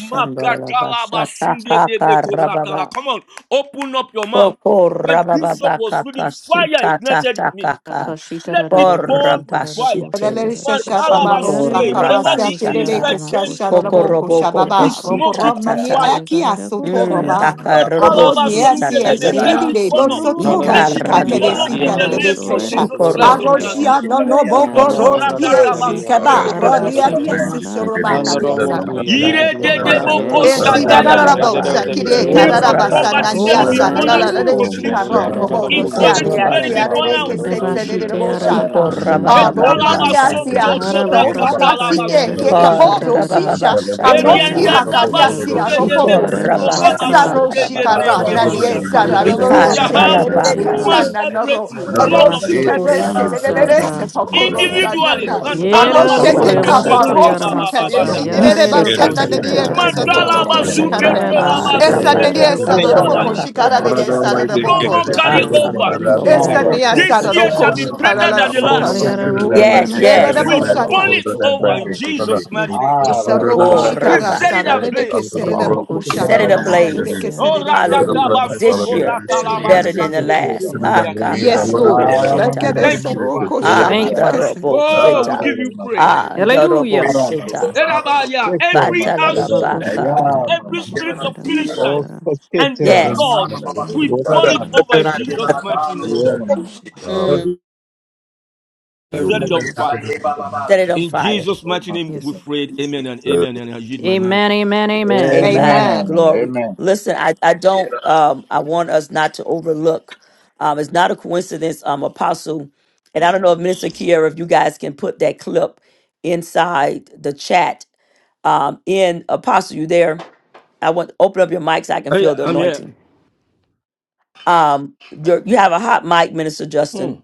Makatalaba sunde de bekoratala. Come on, open up your mouth. When Bishop was reading, fire ignited in me.
Kokorabababakakasitatakakaka.
Let it burn with fire.
Korabashite.
Lelele shasha bababo
Matalabasunde, whatever
shakarasa
the
Shikorabashata.
terele
Philistine came
kesasha
with,
raboko
we
shababa roko
smoke it with
romani
Kokorobokokoshitata.
fire.
akia soto
Mm,
roba aroni
Matalabasunde,
asi
debe,
Yere
dakaroboshitatata.
let it
esilibide
burn up.
bansiero
bosoto
Let it
roshika
be
masha
born up
Ikaradaba.
in
keresita
the
lelele
name of
rabasore
sexa
Jesus Christ
Shikoro.
of
rebasiare
aroshia
Nazareth.
no no
rakoshiare
boko
are
Ashatata.
rosie
rokoshitara
Tokoratatabasunde,
Thank
shikaba
debe,
rodia dia
barabasitara
koriadididi.
sesoroba
mic.
rakos
Ah, The blood,
Ire
the blood.
dedeboko
rebasie
Esi da da da
shadaya.
da bo
urebasha
Kokorabababa.
sa
ki
kire
Spirit
e
karara
of
basanda
poverty, let
o
it be
niasa da
yare
born
da
Orabakashatata.
out
da da
re
de si
completely.
karo
bokoshitara
robo bo
Shiko
rakasaka
siare
Infirmity,
ya
let it be
siare
born
rabashata.
de
out.
ke se se de de
Rabashite
bo
arada
Hallelujah.
Shiko
shaka
koshi
a
ariako.
roma
rabababababa.
Etalamason
niasi a
tobra
shuno no
Arabakasha
ba si
kari
ke
arada
katalamasunde
ke
de
Kar
koshi
bebia.
kaboro
Yes,
tarara.
sisha a no si
rabababashatata.
Erienda
Arabakashi
hakaria
ara
dabasunde
koshi
de
Shiko
tiarada
Kobosi,
bekoto
rabasata
baka.
Esaro
labasunde de
rabababa.
Shikara, Nani
brengetoya.
Arabasa
Esara,
korida
We
Vika
Lolo,
shall
bokoshi
have
Senere
ralabaka.
aradeya.
Casana,
master
Noro,
breakthrough, Lord of the
Arosi
Rabashu koria
breaks.
Carese,
Hallelujah.
Nerese,
masaka.
Pocorosa,
Individually,
Nana,
mantala
Yera
Aroshe
rore
basunke
you.
te
Kekaba,
la
masuri
ba ba
Rosi
Shatata.
aramasa
Thank
kari
ya.
Careshi, Nere
Yishe
arada
Basana,
koshi
Nere
tara.
Casato,
Mantala
Roco
Yere
basunke
Shikarade,
te la
tatatatatatatatatatata.
arabasha kari
Esa
basunde
Hallelujah.
Rabaka
Nere
arada
Sara,
bekoto
Uh,
ya
Roboco
koshia.
ya.
Shikara,
kakakakakaka
Nere Sara,
shata.
No
Roboco,
more
Ah,
carry
Arabakoshia.
over.
Iki
Esa
arada
Nia
kakakokokoko.
This
kashi
Sara,
year
Roco
shall
tara.
be
Shikara,
better than
La
the
Sari
Força
last.
Patata,
teu
Yes,
araburiana
pecado,
Ereda
yes.
We
setiara.
burn
Bosata.
it
força
over in
caro,
Jesus' mighty name.
aras,
Esaroko
Oh,
We
força
shikara
set it
sara
rabasha.
para
ne de
ablaze.
nós.
kesere de
Reba
Força
poko
que
koshi
na
set it
mama
shakara
tiara ra
nossa
ablaze.
tu,
Oh,
koshiara.
sara
Hallelujah. This
ratatabasoko,
nada,
year,
força
Alala
better
que
than the
siara da
te da
last.
siara.
Ah,
nossa.
ratalabashandedebekuriandede.
kaka
Yes, Lord.
robo
Ara
And I
mama
sheta.
mama
Thank you,
nossa
Father.
Adakereroko
te da
Ah,
Thank you,
the
Father.
shabadakese.
nossa,
robo
Oh, we
sheta.
força
give
da
you
nossa.
praise.
Ah, the robo
Hallelujah.
Ara nossa,
sheta.
you.
Erabaya,
força força
Every
nossa,
Bantalala
Reba
household,
Thank
força.
koshi
baka.
kara
ya
ra
mama
every
mama.
koshi
spirit
kara
of
ra koshi
Philistines
Força
kara.
que
and
te
their
da nossa,
Yes.
gods,
Nomi nomi
we burn
força
it
arara
que
over in
te.
bakashi kara ra
Jesus' mighty
koshi
E
name.
é
tara.
nossa.
Mm,
We set
mm.
it on
Jesus.
fire.
Set it on
In
you.
fire.
Jesus' mighty name, we
Yes,
prayed. Amen and amen. And I yield my
Lord.
mic.
Amen.
Amen.
Amen.
Glory.
Amen.
Listen, I, I don't um I want us not to overlook. Um it's not a coincidence, um apostle. And I don't know if Minister Kiera, if you guys can put that clip inside the chat. Um in Apostle, you there? I want open up your mic so I can
Hey,
feel the
I'm here.
anointing. Um you're, you have a hot mic, Minister
Hmm.
Justin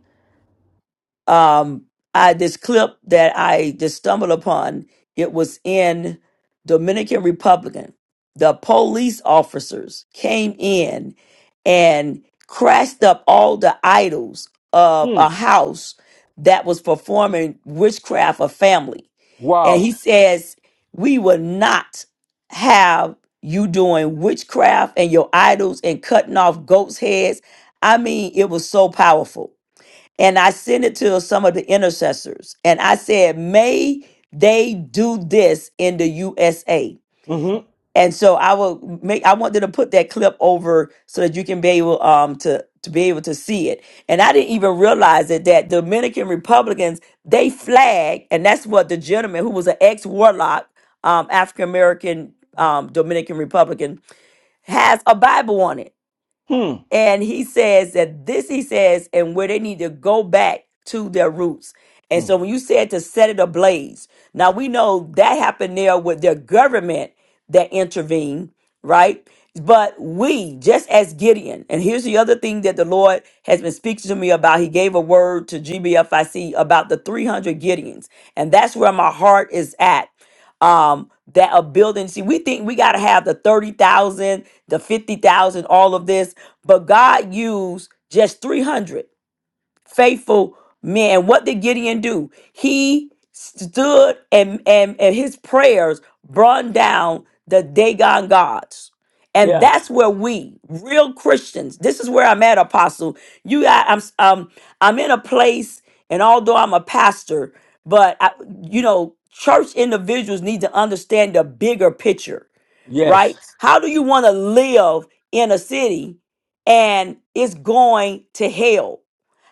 um i this clip that i just stumbled upon it was in dominican republican the police officers came in and crashed up all the idols of
Hmm.
a house that was performing witchcraft of family and
Wow.
he says we will not have you doing witchcraft and your idols and cutting off goats heads i mean it was so powerful and I sent it to some of the intercessors. And I said, may they do this in the USA.
Mm-hmm.
And so I will make I wanted to put that clip over so that you can be able um to to be able to see it. And I didn't even realize it that Dominican Republicans, they flag, and that's what the gentleman who was an ex-warlock, um, African American um Dominican Republican, has a Bible on it
Hmm.
and he says that this, he says, and where they need to go back to their roots. And
Hmm.
so when you said to set it ablaze, now we know that happened there with their government that intervened, right? But we, just as Gideon, and here's the other thing that the Lord has been speaking to me about. He gave a word to GBFIC about the 300 Gideons. And that's where my heart is at um that are building see we think we got to have the 30,000 the 50,000 all of this but God used just 300 faithful men. And what did Gideon do? He stood and, and, and his prayers brought down the Dagon gods. And
Yeah.
that's where we, real Christians, this is where I'm at, Apostle. You, I, I'm, um, I'm in a place, and although I'm a pastor, but I, you know, church individuals need to understand the bigger picture right?
Yes.
How do you want to live in a city and it's going to hell?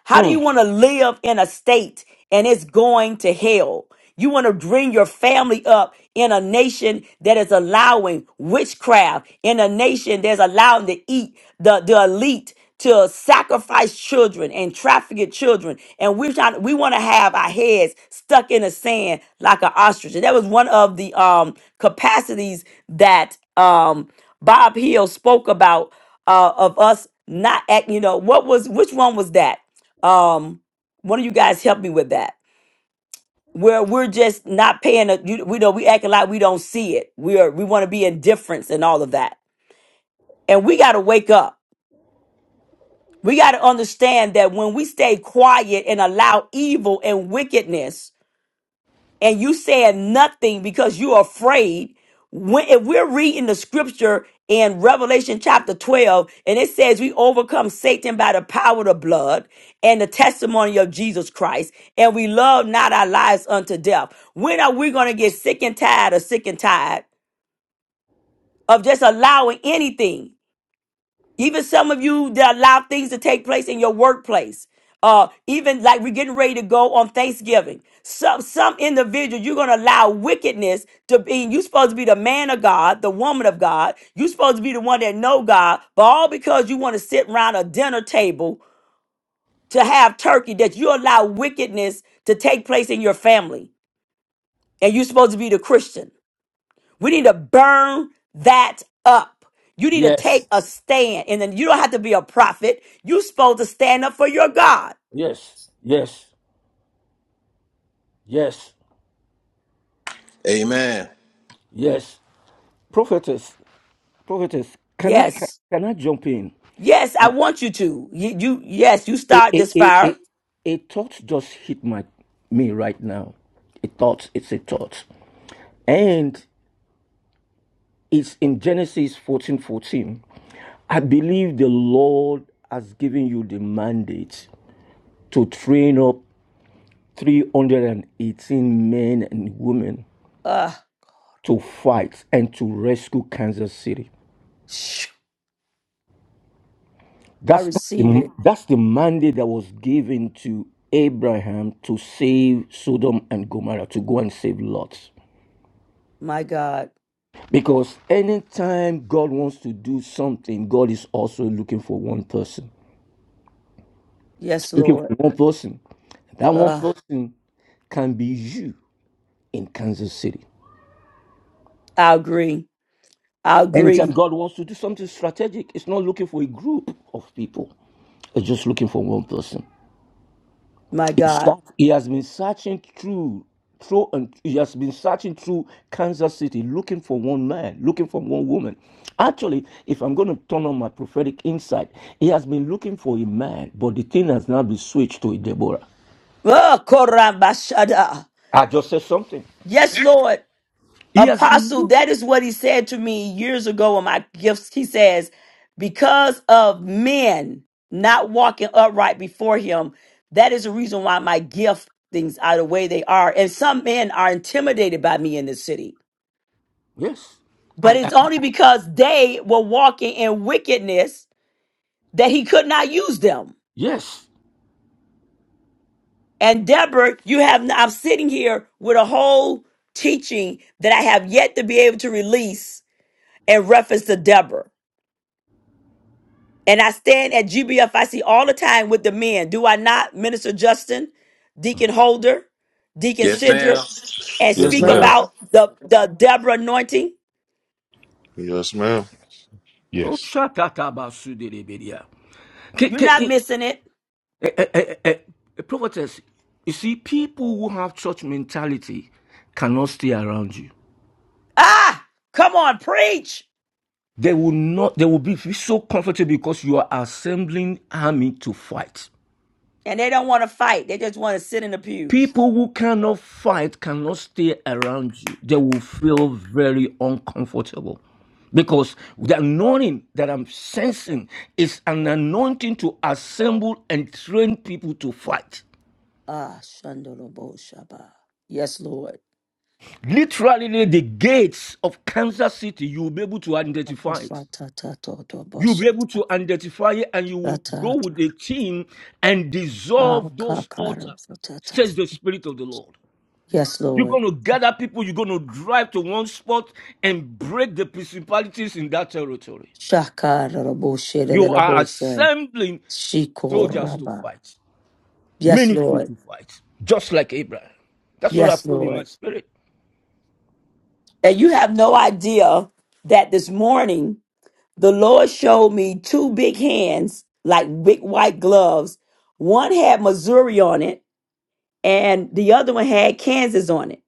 How do you want to live in a state and it's going to hell. You want to bring your family up in a nation that is allowing witchcraft, in a nation that's allowing to eat the, the elite to sacrifice children and traffic children. And we're trying, we want to have our heads stuck in the sand like an ostrich. And that was one of the um, capacities that um, Bob Hill spoke about uh, of us not act, you know, what was, which one was that? Um, one of you guys help me with that. Where we're just not paying, a, you, we know we acting like we don't see it. We are we want to be indifference and all of that, and we got to wake up. We got to understand that when we stay quiet and allow evil and wickedness and you said nothing because you're afraid. When if we're reading the scripture in Revelation chapter 12, and it says we overcome Satan by the power of the blood and the testimony of Jesus Christ, and we love not our lives unto death. When are we gonna get sick and tired or sick and tired of just allowing anything? Even some of you that allow things to take place in your workplace. Uh, even like we're getting ready to go on Thanksgiving. Some some individuals you're gonna allow wickedness to be. You're supposed to be the man of God, the woman of God. You're supposed to be the one that know God, but all because you want to sit around a dinner table to have turkey, that you allow wickedness to take place in your family, and you're supposed to be the Christian. We need to burn that up. You need to
Yes,
take a stand. And then you don't have to be a prophet. You're supposed to stand up for your God.
yes, yes, yes,
Amen.
yes, yes. yes. Can I ca-
Yes.
can I jump in?
Yes, I want you to. You, you yes, you
A,
start
a,
this
a, a,
fire.
a thought just hit my me right now. A thought, it's a thought, and it's in Genesis fourteen fourteen. I believe the Lord has given you the mandate to train up three hundred and eighteen men and women
Uh
to fight and to rescue Kansas City.
shh, I
That's that's
receive
the,
it.
that's the mandate that was given to Abraham to save Sodom and Gomorrah, to go and save Lot.
My God.
Because anytime God wants to do something, God is also looking for one person. He's
Yes,
looking
Lord.
for one person. That one
Uh,
person can be you in Kansas City.
I agree. I
Anytime
agree.
God wants to do something strategic, it's not looking for a group of people. It's just looking for one person.
My
He
God.
search- he has been searching through, through and he has been searching through Kansas City looking for one man, looking for one woman. Actually, if I'm going to turn on my prophetic insight, he has been looking for a man, but the thing has now been switched to a Deborah.
Uh, Korabashada.
I just said something.
Yes, Lord.
He has been
Apostle,
looking.
that is what he said to me years ago in my gifts. He says, because of men not walking upright before him, that is the reason why my gift things are the way they are. And some men are intimidated by me in this city.
Yes.
But
I, I
it's only because they were walking in wickedness that he could not use them.
yes.
And Deborah, you have I'm sitting here with a whole teaching that I have yet to be able to release in reference to Deborah. And I stand at GBFIC all the time with the men. Do I not, Minister Justin, Deacon Holder, Deacon
Yes,
Sidra,
ma'am.
and
Yes,
speak
ma'am.
ma'am.
about the, the Deborah anointing?
Oh,
Yes.
shakatabasu
You're not missing it.
Prophetess, you see, people who have church mentality cannot stay around you.
Ah, come on, preach.
They will not, they will be so comfortable because you are assembling army to fight.
And they don't want to fight. They just want to sit in the pews.
People who cannot fight cannot stay around you. They will feel very uncomfortable because the anointing that I'm sensing is an anointing to assemble and train people to fight.
Ah, Shandorobo Shaba. Yes, Lord.
Literally, the gates of Kansas City, you'll be able to identify it. You'll be able
Akakasatatotoboshata.
to identify it and you will
Shata.
go with a team and dissolve those altars,
Akakarofatata.
says the Spirit of the Lord.
Yes,
You're
Lord.
going to gather people, you're going to drive to one spot and break the principalities in that territory.
Shaka
You are assembling soldiers to
Shikoraba.
fight,
Yes,
military
Lord.
to fight, just like Abraham. That's what I
Yes,
feel in my
Lord.
spirit.
And you have no idea that this morning the Lord showed me two big hands, like big white gloves. One had Missouri on it, and the other one had Kansas on it.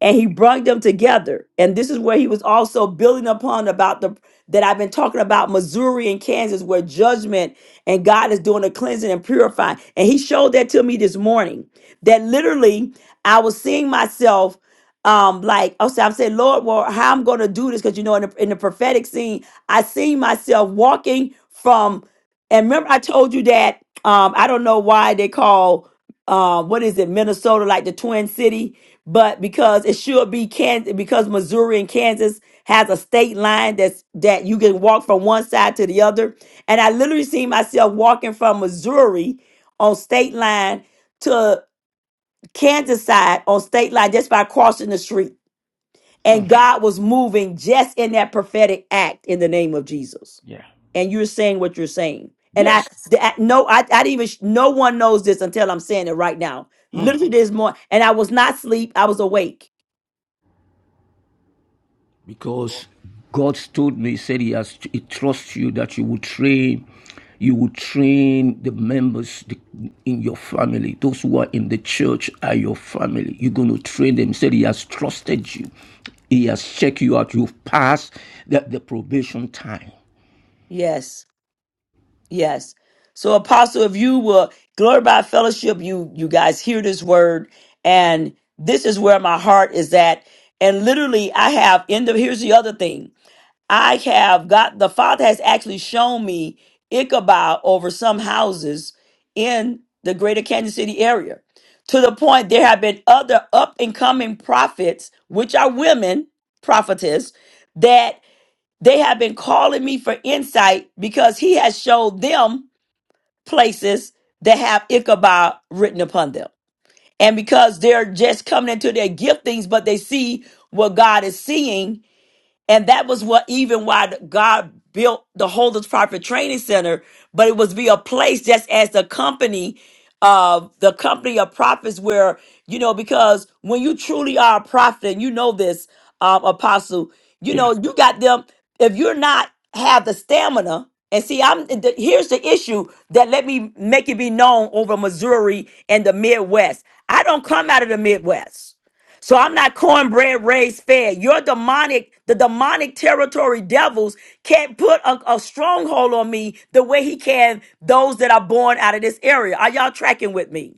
and he brought them together and this is where he was also building upon about the that i've been talking about missouri and kansas where judgment and god is doing a cleansing and purifying and he showed that to me this morning that literally i was seeing myself um like i said i'm saying lord well how i'm gonna do this because you know in the, in the prophetic scene i see myself walking from and remember i told you that um i don't know why they call um what is it minnesota like the twin city but because it should be Kansas, because Missouri and Kansas has a state line that's that you can walk from one side to the other. And I literally see myself walking from Missouri on state line to Kansas side on state line just by crossing the street. And God was moving just in that prophetic act in the name of Jesus
Yeah.
and you're saying what you're saying. And I,
Yes.
th- I no, I, I didn't even. sh- No one knows this until I'm saying it right now.
Hmm.
Literally this morning, and I was not asleep. I was awake
because God told me, said He has He trusts you that you will train, you will train the members in your family. Those who are in the church are your family. You're going to train them. He said He has trusted you. He has checked you out. You've passed the, the probation time.
Yes, yes. So, Apostle, if you will glory by fellowship, you you guys hear this word, and this is where my heart is at. And literally, I have in the here's the other thing. I have got the Father has actually shown me Ichabod over some houses in the greater Kansas City area. To the point there have been other up and coming prophets, which are women, prophetess, that. They have been calling me for insight because he has showed them places that have Ichabod written upon them. And because they're just coming into their giftings, but they see what God is seeing and that was what even why the- God built the Holders Prophet Training Center, but it was be a place just as the company of the company of prophets where, you know, because when you truly are a prophet, and you know this, um, apostle, you
Yeah.
know, you got them, if you're not have the stamina, and see, I'm the, here's the issue that let me make it be known over Missouri and the Midwest. I don't come out of the Midwest. So I'm not cornbread raised fed. Your demonic, the demonic territory devils can't put a, a stronghold on me the way he can those that are born out of this area. Are y'all tracking with me?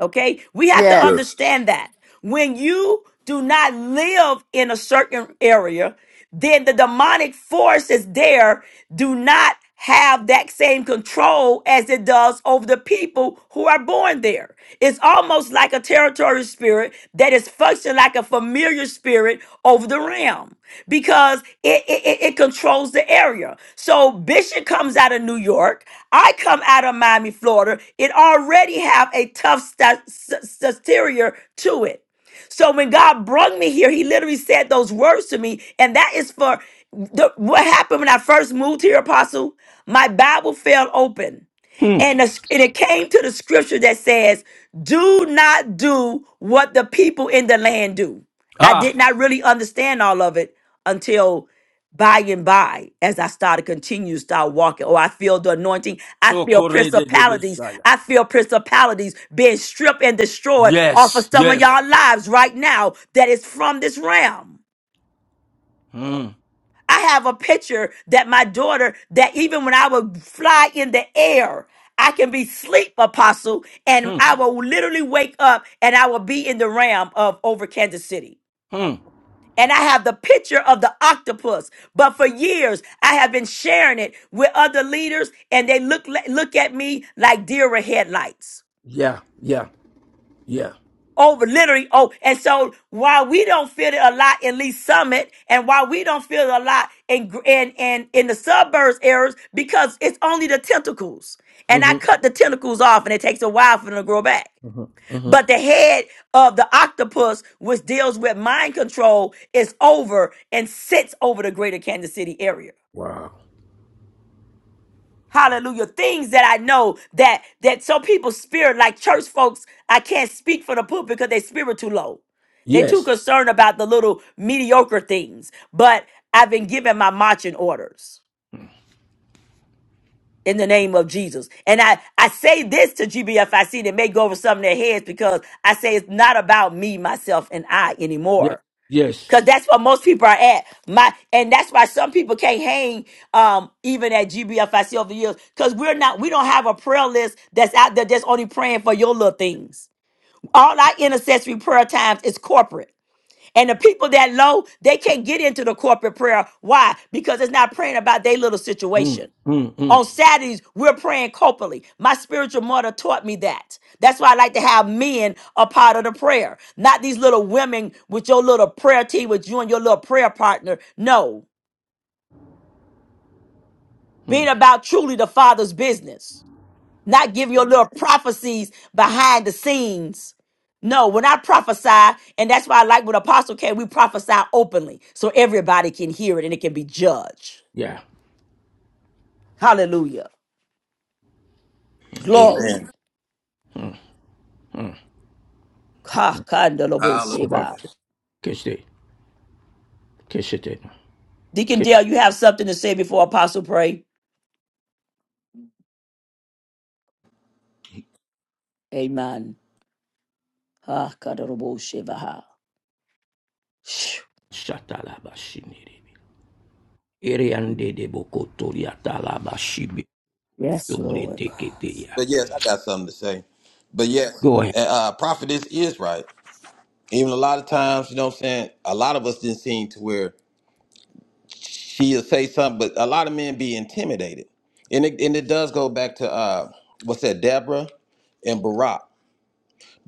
Okay? We have to
Yes.
Yes.
understand that. When you do not live in a certain area, then the demonic forces there do not have that same control as it does over the people who are born there. It's almost like a territory spirit that is functioning like a familiar spirit over the realm because it, it, it it controls the area. So Bishop comes out of New York. I come out of Miami, Florida. It already have a tough sta- s- s- exterior to it. So when God brought me here, He literally said those words to me, and that is for the, what happened when I first moved here, Apostle. My Bible fell open,
Hmm.
and, the, sc- and it came to the scripture that says, "Do not do what the people in the land do." I did
Ah,
not really understand all of it until by and by as I start to continue to start walking. Oh, I feel the anointing. I
so
feel
corre the desire.
principalities. I feel principalities being stripped and destroyed off of
Yes,
some of
yes.
y'all lives right now that is from this realm.
Hmm.
I have a picture that my daughter, that even when I would fly in the air, I can be sleep, apostle, and
Hmm.
I will literally wake up and I will be in the realm of over Kansas City.
Hmm.
and I have the picture of the octopus. But for years, I have been sharing it with other leaders, and they look look at me like deer with headlights.
Yeah. Yeah. Yeah.
Over literally, oh, and so while we don't feel it a lot in Lee Summit, and while we don't feel it a lot in in in, in the suburbs areas, because it's only the tentacles, and I
Mm-hmm.
cut the tentacles off, and it takes a while for them to grow back.
Mm-hmm. Mm-hmm.
But the head of the octopus, which deals with mind control, is over and sits over the greater Kansas City area.
Wow.
Hallelujah. Things that I know that that some people's spirit, like church folks, I can't speak for the pulpit because their spirit too low. They're too
Yes.
concerned about the little mediocre things. But I've been given my marching orders in the name of Jesus. And I, I say this to GBFIC that may go over some of their heads because I say it's not about me, myself, and I
Yes.
anymore
Yes.
Cause that's where most people are at. My and that's why some people can't hang um even at GBFIC over the years. Cause we're not we don't have a prayer list that's out there that's only praying for your little things. All our intercessory prayer times is corporate. And the people that low, they can't get into the corporate prayer. Why? Because it's not praying about their little
Mm,
situation.
mm, mm,
On Saturdays, we're praying corporately. My spiritual mother taught me that. That's why I like to have men a part of the prayer, not these little women with your little prayer team, with you and your little prayer partner. No, being
mm.
about truly the Father's business, not giving your little prophecies behind the scenes. No, when I prophesy, and that's why I like when Apostle came, we prophesy openly so everybody can hear it and it can be judged.
Yeah.
Hallelujah.
Amen.
Glory. Kakandalobo Sheba.
Hallelujah.
Deacon Dale, you have something to say before Apostle pray? Amen. Ah, kadarabo shivaha. Phew.
うんうんうんうん。いや、うん。おばあちゃん。消して、消して。消しちゃったらばしにりび。エリアンデデボコトリアタラバシビ。sobre
Yes, Lord.
te que te ya.
But yes, I got something to say. But yes,
Go ahead,
uh, prophetess is right. Even a lot of times, you know what I'm saying? A lot of us didn't seem to where she'll say something, but a lot of men be intimidated. And it, and it does go back to, uh, what's that, Deborah and Barack.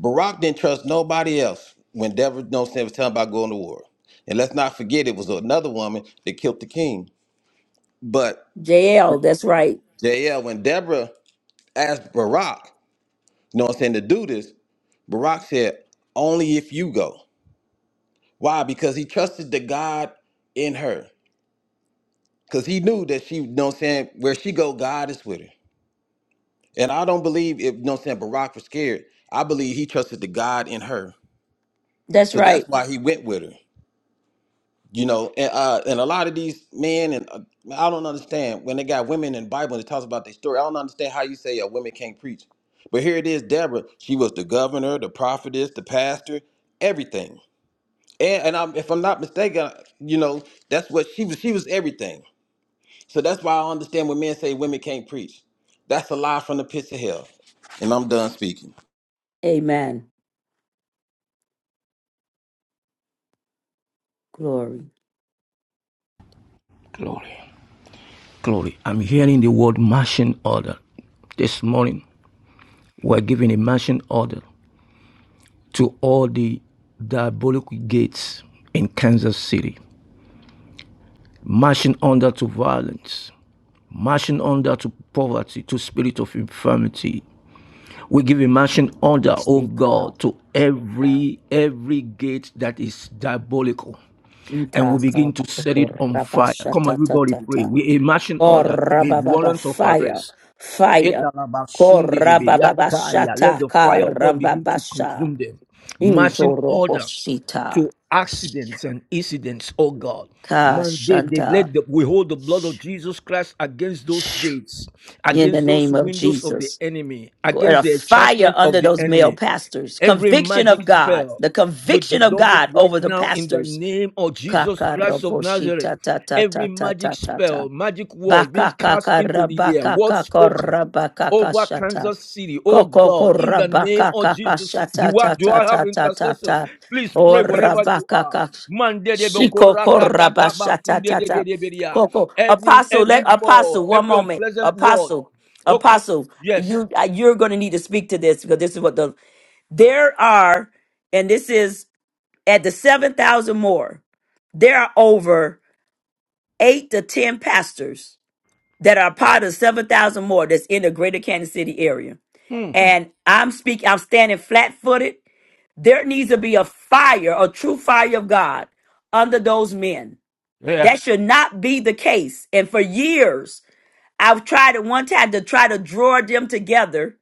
Barack didn't trust nobody else when Deborah, you know what I'm saying, was telling about going to war. And let's not forget, it was another woman that killed the king. But
JL, that's right.
JL, when Deborah asked Barack, you know what I'm saying, to do this, Barak said, Only if you go. Why? Because he trusted the God in her. Because he knew that she, you know what I'm saying, where she go, God is with her. And I don't believe if you know what I'm saying Barack was scared. I believe he trusted the God in her.
That's
So
right.
that's why he went with her. You know, and uh, and a lot of these men and uh, I don't understand when they got women in the Bible and it talks about their story. I don't understand how you say a women can't preach. But here it is, Deborah. She was the governor, the prophetess, the pastor, everything. And, and I'm, if I'm not mistaken, you know, that's what she was. She was everything. So that's why I understand when men say women can't preach. That's a lie from the pits of hell. And I'm done speaking.
Amen. Glory.
glory. Glory. I'm hearing the word marching order. This morning, we're giving a marching order to all the diabolic gates in Kansas City. Marching under to violence, marching under to poverty, to spirit of infirmity, We give a marching order, O
Shika,
God, to every every gate that is diabolical. And we begin
ntaka,
to set it on fire. Come on, everybody pray.
rabashatatata.
We a marching order. We
Korabababa,
warrant of
Fire.
arrest.
Fire.
Let
Korabababashata,
the fire of God begin to
karambabasha.
consume them. Marching order
Injorobosita.
to accidents and incidents, oh God.
Shika,
Man, they, they
shanta.
let the, we hold the blood of Jesus Christ against those gates,
in the
against those
name of
windows of the
Jesus.
enemy,
And a
against the
fire
enchantment of
under
the
those male
enemy.
pastors.
Every
Conviction
magic
of God.
spell,
The
we
conviction of
dissolve it
God
right
over the
now in the
pastors.
name of Jesus Christ of Nazareth. Every magic
Kakaraboshitatatatatatata.
spell, magic word being cast into the air, word spoken over
Bakakakarabakarabakakashata.
Kansas City. Oh God,
Kokoko
in the name
rabaka
of
kaka
Jesus,
shata
do I,
ta
do
ta
I have
ta ta ta
intercessors?
ta.
Please
O
pray wherever you
rabaka
are.
kaka. Shikoko rabasha ta ta ta. Koko.
Every
Apostle, let,
every word,
apostle, one
every
moment.
unpleasant word.
Apostle,
Oh
apostle,
yes,
you, uh, you're going to need to speak to this because this is what the, there are, and this is at the 7,000 more, there are over eight to 10 pastors that are part of 7,000 more that's in the greater Kansas City area and I'm speaking, I'm standing flat footed. There needs to be a fire, a true fire of God under those men.
yeah.
That should not be the case. And for years, I've tried at one time to try to draw them together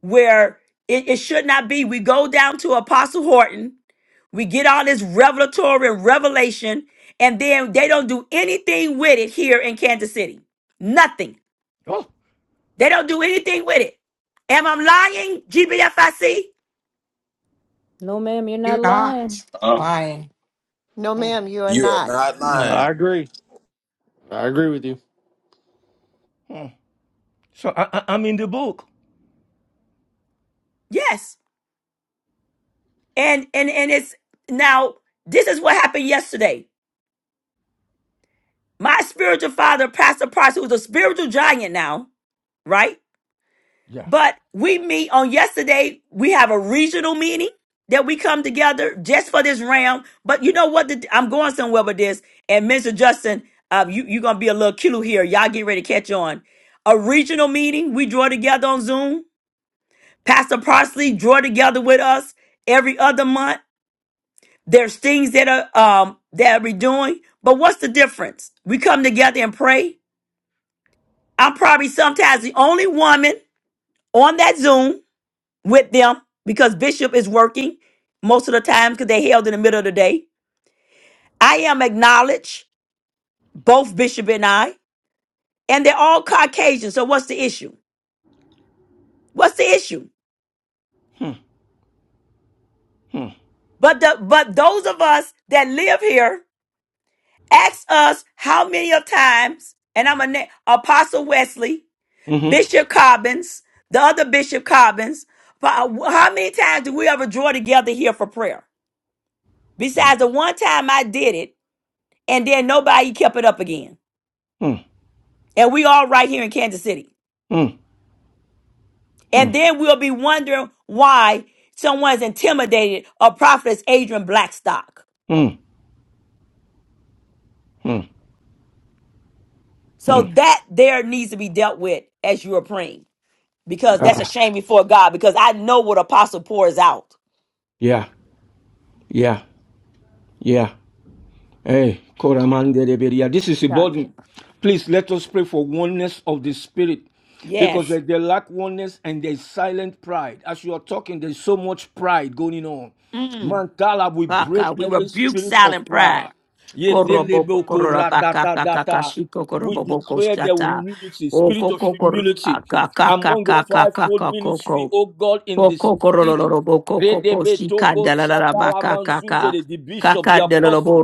where it, it should not be. We go down to Apostle Horton, we get all this revelatory and revelation, and then they don't do anything with it here in Kansas City. Nothing.
Oh,
They don't do anything with it. Am I lying, GBFIC?
Amen.
You're not lying.
No, ma'am, you are
You are
not.
not
Uh,
lying.
I agree. I agree with you.
so I, I, I'm in the book.
Yes. and and and it's now this is what happened yesterday my spiritual father pastor price who's a spiritual giant now right
Yeah.
but we meet on yesterday we have a regional meeting that we come together just for this round but you know what the, i'm going somewhere with this and mr justin um, you, you're gonna be a little cute here y'all get ready to catch on a regional meeting we draw together on zoom pastor parsley draw together with us every other month There's things that are um that we're doing, but what's the difference? We come together and pray. I'm probably sometimes the only woman on that Zoom with them because Bishop is working most of the time because they held in the middle of the day. I am acknowledged, both Bishop and I, and they're all Caucasian. So what's the issue? What's the issue? But the but those of us that live here, ask us how many of times, and I'm a na- Apostle Wesley.
Mm-hmm.
Bishop Cobbins, the other Bishop Cobbins. But how many times do we ever draw together here for prayer?
Mm,
Besides the one time I did it, and then nobody kept it up again.
mm,
And we all right here in Kansas City.
mm,
And
Hmm.
then we'll be wondering why someone's intimidated or prophetess Adrian Blackstock.
mm,
So
mm.
that there needs to be dealt with as you are praying. Because that's a
Ah,
shame before God, because I know what apostle pours out.
yeah, yeah, yeah. Hey, Koramandereberia. This is a
Right.
burden. Please let us pray for oneness of the spirit. Because
Yes.
like they lack oneness and there's silent pride. As you are talking, there's so much pride going on.
Mm.
Mantala, we
Fuck,
break
God, we
every
rebuke
spirit of
silent pride.
pride.
Koroboko
Yetelebo
korobaka
koratatata.
kakakashiko
We
koroboko
declare there will be
shata.
unity, spirit
Oko
of
koko
humility among the fivefold
kakakakakakakoko.
ministry,
Koko
Oh God, in this
Koko
city.
koroloroboko koko
Redebe toko shakala
shikandalarabaka kaka.
manzundere, The bishop, the apostles
Kakandelorobo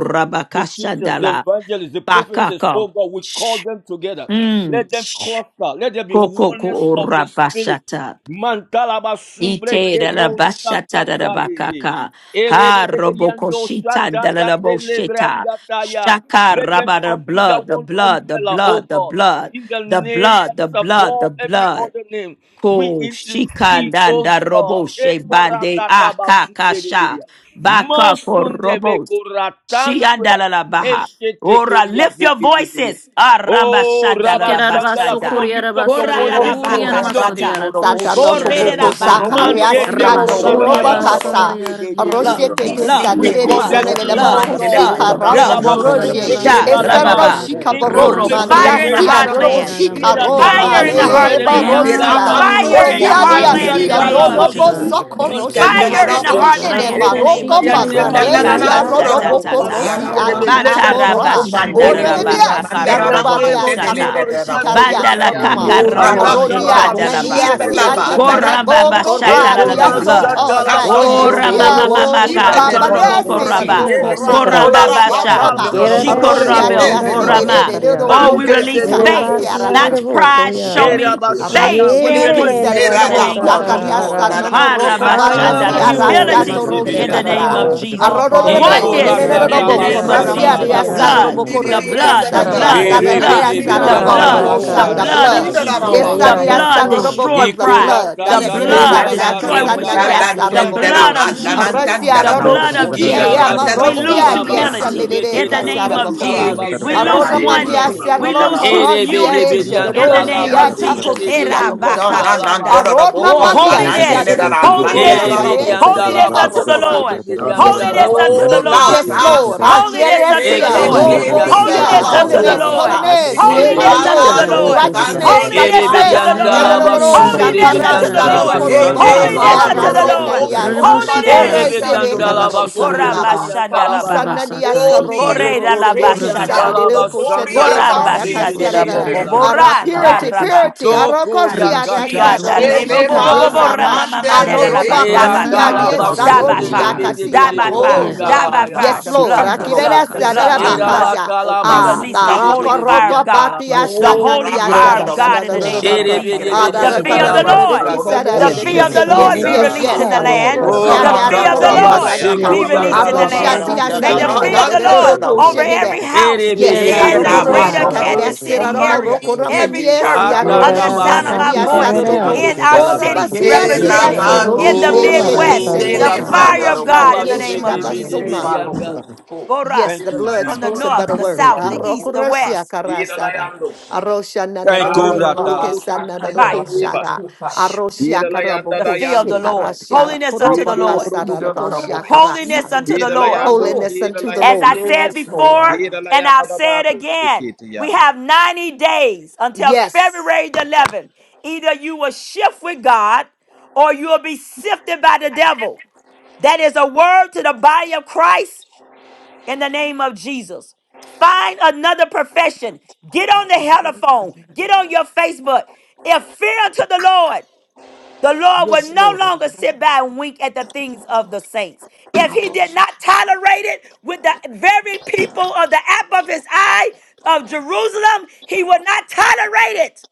the teachers, the
rabakashandala.
evangelists, the prophets,
Bakako.
oh God, we call
Shh.
them together.
Mm.
Let them
Shh.
cluster. Let there be
Koko ko
oneness of the Spirit.
orabashata.
Mantalaba sumbre
Ite
que non
dalabashata
sakata yebe.
dalabakaka. Ha
Erebelebeliando
robokoshita
sata ya
dalalabosheta.
telebrangata ya.
Shaka
Let them
rabada
come under
blood, the
one
blood, the
umbrella, oh
blood, the
God,
blood,
in the
the
name that
blood, the
is
blood, the
above every
blood.
other name. We
Ko
intercede, oh
shikandanda robo
God.
she
Etora
bande
tataba
akakasha.
sumberebelia.
Baka ko
Masunde
robos.
bekoratandwe
Shiandalala baha.
eshete
Ora,
koria
lift
de
your
de
voices. Aramba
Oh, Rabba
shandalala
Shandala,
Shikerarabaso
come
bashanda.
on, lift up your voice.
Korearabasarera
Korada
This is a
baka
Corre
serious
shata.
adandro
issue.
Urianamasariara
lo boshi te
Borede
Satarapoboko
le
Kushitiarabasaka
boroko
Mante te
sakariasia
sondoro lo
Yeah,
korata
da, da,
Rabasoria
nanoroba
ya,
boshi.
ba,
Basa
kasa
labasunde
Yaragiala
aroshe
blood, the
Roku
tete
Dice
blood,
We
Shitala
the
que
sanire
le
de
call
Boko
blood,
them
the
voló
sanene
in,
un
leba
blood,
oh
Shitada
the
God,
blood,
kosika
mandelebo,
the
rao
Urabako
blood.
ramando
Shitaya
nomoroshe
Elabasunte
Shah
boshite le
kebalaba,
esaro
Rababa.
Basikereba
borobó.
into a
shikabaro
Koro,
place
Rabasora
of
Robo
fire in the
prayer.
Moko
maniasia
mandara
Shitala
dorobo
heartland.
boshite
Era
Labako
le
sikaro
Fire in the
Shitada
borobó.
mare
Thank
talabasunde
heartland.
barosia
beriangata.
Berabando
Fire in
Araroko
the
osia
roboshite
heartland in
le
Thank
the
diasia
Shiariara
Irangata
name of
norobo
barroboso.
Koshitara
Jesus.
labasuma
sokoroshika
Ricandala
Fire in
Jesus
the
telemuze.
Jesus
inene
heartland
raboshite
in
le
Raboko
the name
borobó.
of
maroko
Ejoria
Jesus.
Shitaya
debako
Ekaka
bakaresia
Nanananando
rasata
shata
Kiaka
rorobo
robo
tata.
korosi
labasunde
corriaranga.
rebe.
aki
Arabaka
bata
Let there be
Robo
amora
unity, O
orebe
God.
mandelebo,
Ekakashatatata.
biasia
In
ramandara
the name
robaria
of
Batarabashandarabakakaroboboboshata.
saroro
Jesus
rabaite
Christ of
Yeah,
shikaria
Nazareth.
saroma
yeah,
Arodia,
Morabandororobo,
Bandalakakaroboshitandalaba.
Nania,
Aratalabasumde debe
Sia,
de
Shivelaba,
beriangata.
Tekalebo,
Larandurorobo,
Korababashatalala, The
Coratia,
Eroma
Gloria,
blood.
Soto,
Ora
shakalabasonto
Yanesia,
mama
Sasandororobo,
lebe
O,
Koshitararakasakaria,
mamaka
koratata.
tororobo
Shiveleborobo,
Abanesi, La
Shil,
koraba
Roco,
Erebe
Raka,
rabasitararakasakara,
koraba
Yasia,
basha
Raba,
Dorarabakandororobo,
shogatalabasunde
yerere
Arosia,
debe
shikorabel
Tia,
kriya.
Sidi,
Shiveleboro,
korama.
orerarabasakaria,
Dodo,
Oh, we
Roco,
Mande de
release
Sika,
faith,
broko
Mondadara,
shege.
Rasia,
not pride. Show
nerebasiarerebokoria,
me
Aroki
faith
Erabashada, we
be
shereke
break
you.
the
released
spirit
in the
of
sarelebo
name
pride.
of
you.
Jesus.
Shileraraborobo,
sakariasa
Thank
yearererebakasakara,
nono roko
Laranteleraba,
Thank
bakasi
Harabashandala
Atalaba sunde
arasa
de
humility
bidi
toroshi
in
bidi
the name
karara.
of
andalaba.
ayariaroremasekererebaka,
O
Jesus.
Rabba,
Arororebe
Oneness
yerebasaka,
in
Landele,
the
nenenerobo
Ikoratataba
name of
korasia
Jesus.
shatalaba
The
Velerando,
riasa
ekareikia,
sunde
blood,
robo
de bidi.
the
Shandiri,
koreke
blood, the
dasa ne
blood,
Andalabo,
the
asara
karabakoria
le
Erebe
blood,
de
Shandiri,
asara
the
bidi
robo
blood.
andalaba
The
korosa
Rabaroko,
the
basitiarabaka,
blood of
blood.
shadalaba
Jesus.
ya
sunde de
Esa
The
ya
bidi.
ya
blood
riasa
Shirarabaka,
tu,
robo
destroy
kor the
pride.
blood.
The
Darekere
blood
sare
Oh la la
destroy
yerebasaka,
dakasa
dele ba
Ikoratatatatatataba
la
witchcraft.
nanyasa
Yeah,
The
sunde
robo
dende
de
la
blood
koro.
ba
of
la
beketeya.
Jesus.
mantanda
Arasia
The
la la bo
rodo
blood
orabasitiarabaka,
of
shikie
koria
Jesus.
ya
Iraba
randa la
We
bo
lose
marosia
santalaba
koria
diasa
humility
sunte
le
in the name
kasara
of
ye
bakora.
Jesus.
ketoliantalaba
ne be
We
Yeah,
la
sunde
lose
la
Aroda
de
ti
bidi.
mania
ti
oneness.
de
We
la
serro
la
lose hu-
ba
Erebe
you.
de
corrosia
unity
bidi
Yeah,
in the name
andalaba
shadosia
of
Yeah,
Jesus.
sunde de
taposia
Era
do
bidi
ga
baka
cosa.
na na
andalaba
do la la bo
sunde
Arona
Oh,
ko
de
la
bidi.
mania
na
sia
holiness,
dele
de
la la mande la
sicrosi
la
Ere
holiness,
la
bir
bo
cade
ko
yanda
la
holiness
la
pesita
laba
unto the
rocora.
Lord.
sünde bir
Yes,
yanda
Lord.
Holiness
laba
unto
Hallelujah.
the
o la
sünde
Lord.
Yes,
bir
la
yanda.
Lord.
you.
sande
Holiness unto
le
the
Akieresia,
de
Thank
Lord.
Ekotor
ke di da
yanda
da
Holiness
robosia,
laba
da
unto the
do
Koshitara.
Holiness,
sanda
Lord.
laba
sande
holiness,
sünde
le
Holiness
bir.
ba
unto
erebo,
la
the
Siarara
do
Lord.
sande
bokoshia.
righteousness,
le ba
Ere
Holiness
bir
unto the
la
righteousness.
yanda
Lord.
da
laba
erororo,
Rerearera
sünde
Holiness
bir
unto the
rokoshitara
yanda
shakarasa,
laba
Lord.
raka
sanda
Chikele
sakarero
laba
Holiness
ya.
rorokorobokasia,
unto
koshia.
the Lord.
balorobo
rasenaniasa,
somandi
Ere
ore
Rebashitala.
Holiness.
bir
sereka
yanda
andorobo
laba
barosa,
sünde
Koramba
bir
rakaro.
Rebashituriaka.
yanda
shanda la
kolarasta.
laba ya.
baha.
Rabasaka
Isananiasa
Oli
ikea.
robokoro,
Boreda la
Ekotor
sereke,
chikele
yanda
bashanda.
laba
Rabasaka.
sanereko,
arokori
sanda laba
seneresa,
Koramba
sünde
andandi
rakasia,
bir
shandela
rarara.
Rebokoshitara
bobo
yanda
chikele
laba ya.
rabaka
Ara
bora
sitara
purity,
daraba.
balarasta.
purity,
rokoshitara.
Sokor ya
arokosia,
kata
Rebashitara
rasia,
Sianda
tata
rebo
Inchele
bo
rokoshitara
rorokosika,
bo
başa
bo
ya.
bo
resa,
raka.
ra-
rama mama
balamande
da da
le
da
Rabaso
ba die
Era
koriara
adorobakasia,
besita la
rabaka
talaba
resa,
saka
by
sünde
rochia,
bir
babosha.
fire,
yaka.
bir
die
kasira,
by
bir
fire,
Oh
Kia
bakorosa.
yanda
la
die by fire, die by
laba ya.
fire.
Yes,
The
balarasta
Lord.
blood, the
sitata
andorobo
blood,
saka
the
Akireresa
blood, the
korabande
situga.
la
blood.
darabakasha.
We
Ah,
Inanana
release the
okoriasta.
holy
baraka
koshitara.
fire of
roka
God,
Yes,
the
batiasa
Lord.
Erabatalabasundedebedebediandalabasidi.
Oh
holy
Ire
naniasa
fire
ramanda
da-
of
la
da-
God
da-
in
da-
the
da- da-
basikia
name
da-
bokoshi
of
ka.
Jesus.
tekere
Ah, da-
yeah,
The
da- ka-
aroko
fear
da-
of the
da- da-
sitarera.
da- da-
Lord,
ki- sa- da-
sundorobo
the
da- da-
Yes,
ki-
fear
yeah.
of
Erebedebediandalabasagatalabaya.
yes.
shiti
the
say,
Lord
Yes,
kini
be
Boroboko
yes,
released in
yes.
the
sita
Aroko
yeah,
land.
yaka.
roshia
The
da da
Ramando
fear of the
Yeah,
koroka
Rabu,
Ye-
Lord
radaka.
be
Yes,
released
yes,
in the
Shitalaba,
yes.
Arosha
Ire
land.
Dada
bako
Oratatabasekoriatalabasundedebe.
May
tiasa da-
the
Prophetess.
da-
Dada
da-
sita.
fear
da-
of
da-
the
da-
yeah.
da-
Lord
Gandela
roko
over
Rabu,
shene da
every house
Ire
Yes,
in the
aroko
Dera
greater
roshi
basitia.
kadi da
Baroko,
Erebedebedebediandalaba.
Kansas
sira
City
ramo
area.
roko
Somandi
Every
Kili
ramaniesi
church
Balara,
under the
Yerada
aroroshi
sound of
baka
my
kananiasa
voice
sitarera.
roko.
in our
O
Atatabasundedebedebedeandalabaya.
cities
rabasia
Yes,
Dera
represented
sia
it.
arara bako
In
soroshi
the
Baroko,
eshe
sitarara
Midwest, the
keserere
Shidele
kasaka.
fire of
kesuroshi
Balaroko,
God in the
karayesi
name of
Shidele
rabasona.
Jesus.
Orakatatabasedebedebedianda.
Baroko,
Bora,
Thank you,
from the
Jesus.
north, the
Ramando
Thank
south,
you,
the
Lord.
east,
Rabu,
the
Raban,
west,
Thank you,
O
Ratala.
Rabat and
fire.
Rabu, Shutara,
Shh. The fear of the Lord.
O
Holiness unto the
Rabat.
Ire
Lord.
baka
Under the
sitarara
Rabu,
bako
Holiness
sitara.
unto
shidele
the Lord.
Rabu.
Ire rara
As I
bako
said
Yes,
sitarara
Lord.
before,
ka.
and I'll say it again, we have 90 days until February the 11th. Either you will shift with God or you will be sifted by the devil. That is a word to the body of Christ in the name of Jesus. Find another profession. Get on the telephone. Get on your Facebook. If fear unto the Lord. The Lord will no longer sit by and wink at the things of the saints. If he did not tolerate it with the very people of the apple of his eye of Jerusalem, he will not tolerate it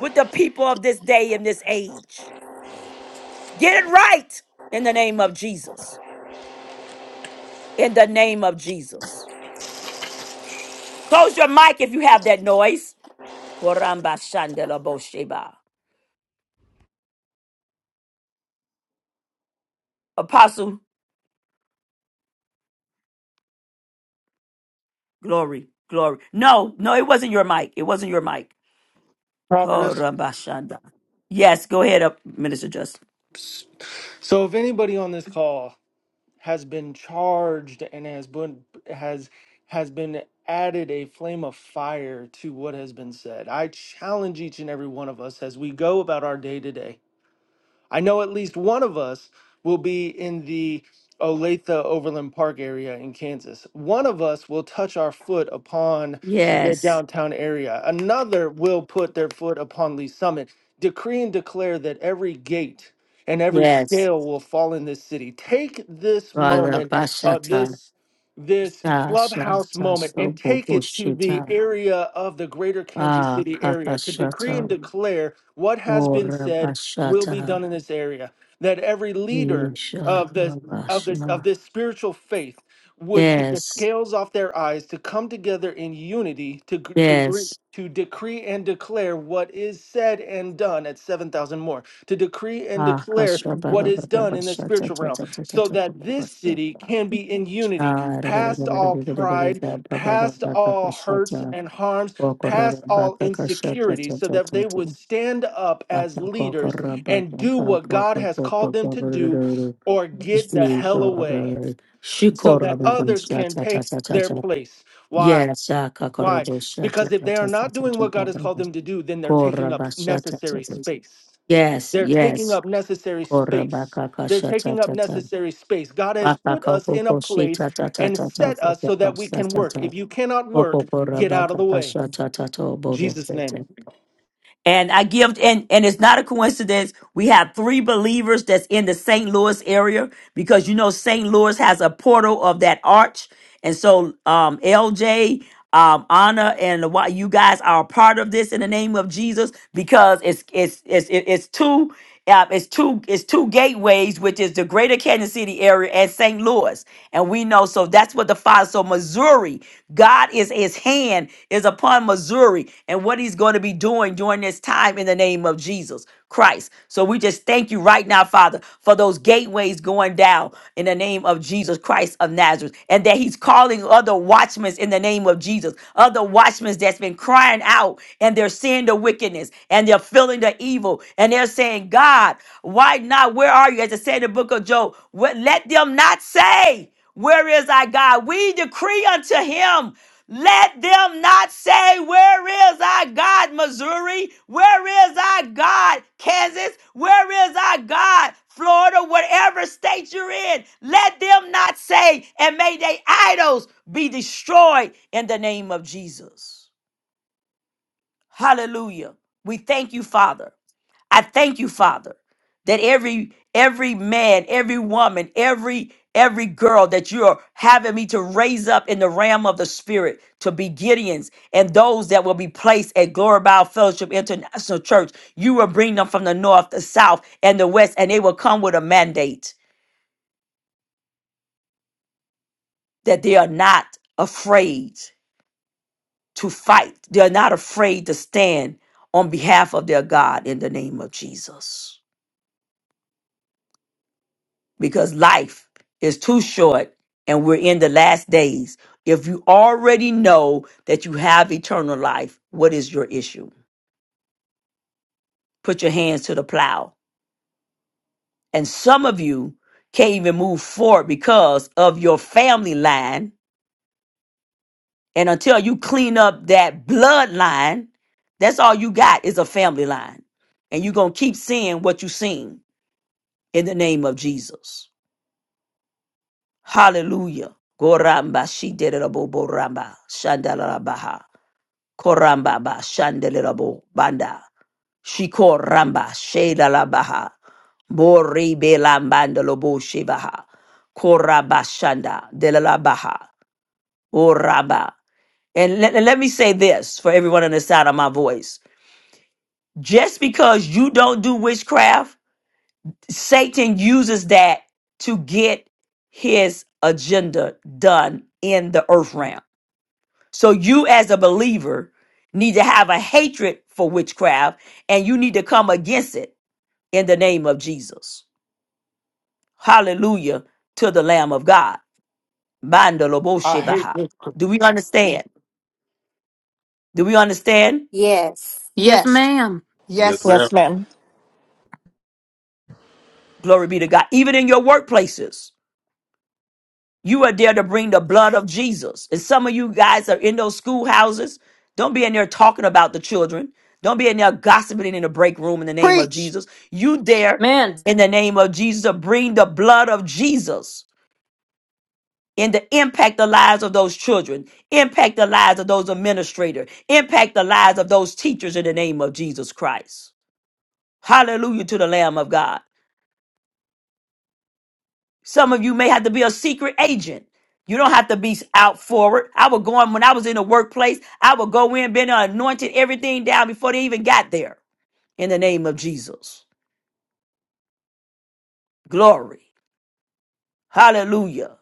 with the people of this day and this age. Get it right in the name of Jesus. In the name of Jesus. Close your mic if you have that noise. Koramba shandela bosheba. Apostle, glory, glory. No, no, it wasn't your mic. It wasn't your mic. Korabashanda. Yes, go ahead, up, Minister Justin.
So if anybody on this call has been charged and has been has has been added a flame of fire to what has been said, I challenge each and every one of us as we go about our day today. I know at least one of us will be in the Olathe Overland Park area in Kansas. One of us will touch our foot upon the
Yes,
downtown area. Another will put their foot upon Lee Summit. Decree and declare that every gate and every
yes.
scale will fall in this city. Take this moment, uh,
Varabashata,
this this
Dasha,
clubhouse moment, and
Sobo
take it to the
Boshita,
area of the greater Kansas
Ah,
City area to decree and
Katashata,
declare what has been said will be
Orabashata,
done in this area. That every leader
Isha,
of the of this of
Babashma.
this spiritual faith would take the
Yes,
scales off their eyes to come together in unity to gr- to agree
yes.
to decree and declare what is said and done at 7,000 more, to decree and
Ah,
declare
Kasha,
what
Baba,
is
Baba,
done in the
Bashata,
spiritual realm,
Tata, Tata,
so
Tata,
that this
Basta.
city can be in unity,
Ah,
past all pride,
Baba, Baba,
past
Baba,
all hurts
Bashata,
and harms, past all
Okorabaka,
insecurities, so that they
Kashata,
would stand up
Yes, yes,
as leaders and do what God has called them to do or get the hell away so that others can take their place. Why? Why? Because if they are not doing what God has called them to do, then they're taking up necessary space.
yes. Yes,
They're
yes.
taking up necessary space. They're taking up necessary space. God has put us in a place and set us so that we can work. If you cannot work, get out of the way. In Jesus' name.
And I give, and, and it's not a coincidence. We have three believers that's in the St. Louis area because you know St. Louis has a portal of that arch. And so, um, LJ, um, Anna, and why you guys are a part of this in the name of Jesus because it's it's it's it- it's two. Uh, it's two it's two gateways, which is the Greater Kansas City area and St. Louis, and we know so that's what the Father. So Missouri, God is His hand is upon Missouri, and what He's going to be doing during this time in the name of Jesus Christ. So we just just thank you right now, Father, for those gateways going down in the name of Jesus Christ of Nazareth, and that He's calling other watchmen in the name of Jesus, other watchmen that's been crying out and they're seeing the wickedness and they're feeling the evil and they're saying, God, why not? Where are you? As it said in the book of Job, "What- let them not say, Where is our God? We decree unto Him. Let them not say, Where is our God, Missouri? Where is our God, Kansas? Where is our God, Florida? Whatever state you're in, let them not say, and may they idols be destroyed in the name of Jesus. Hallelujah. We thank you, Father. I thank you, Father, that every every man, every woman, every every girl that you're having me to raise up in the realm of the spirit to be Gideons and those that will be placed at Glory Bible Fellowship International Church, you will bring them from the north, the south, and the west, and they will come with a mandate that they are not afraid to fight. They are not afraid to stand on behalf of their God in the name of Jesus. because life is too short and we're in the last days. If you already know that you have eternal life, what is your issue? Put your hands to the plow. And some of you can't even move forward because of your family line. And until you clean up that bloodline, that's all you got is a family line. And you're going to keep seeing what you seen in the name of Jesus. Hallelujah. Goramba, she did it, Bobo Ramba, Shandala Baha. Koramba ba shandelabo banda. Shiko ramba sheda la baha. Bori be lambanda lobo shivaha. Koraba shanda de la baha. Oraba. And let, and let me say this for everyone on the side of my voice. Just because you don't do witchcraft, Satan uses that to get his agenda done in the earth realm. So you as a believer need to have a hatred for witchcraft and you need to come against it in the name of Jesus. Hallelujah to the Lamb of God.
I hate.
Mandaloboshevaha. Do we understand? Do we understand?
Yes.
Yes, ma'am.
Yes, ma'am.
Glory be to God. Even in your workplaces. You are there to bring the blood of Jesus. And some of you guys are in those schoolhouses. Don't be in there talking about the children. Don't be in there gossiping in the break room in the name of Jesus. You there
Man.
in the name of Jesus to bring the blood of Jesus and to impact the lives of those children, impact the lives of those administrators, impact the lives of those teachers in the name of Jesus Christ. Hallelujah to the Lamb of God. Some of you may have to be a secret agent. You don't have to be out forward. I would go in when I was in the workplace, I would go in, been anointed everything down before they even got there. In the name of Jesus. Glory. Hallelujah.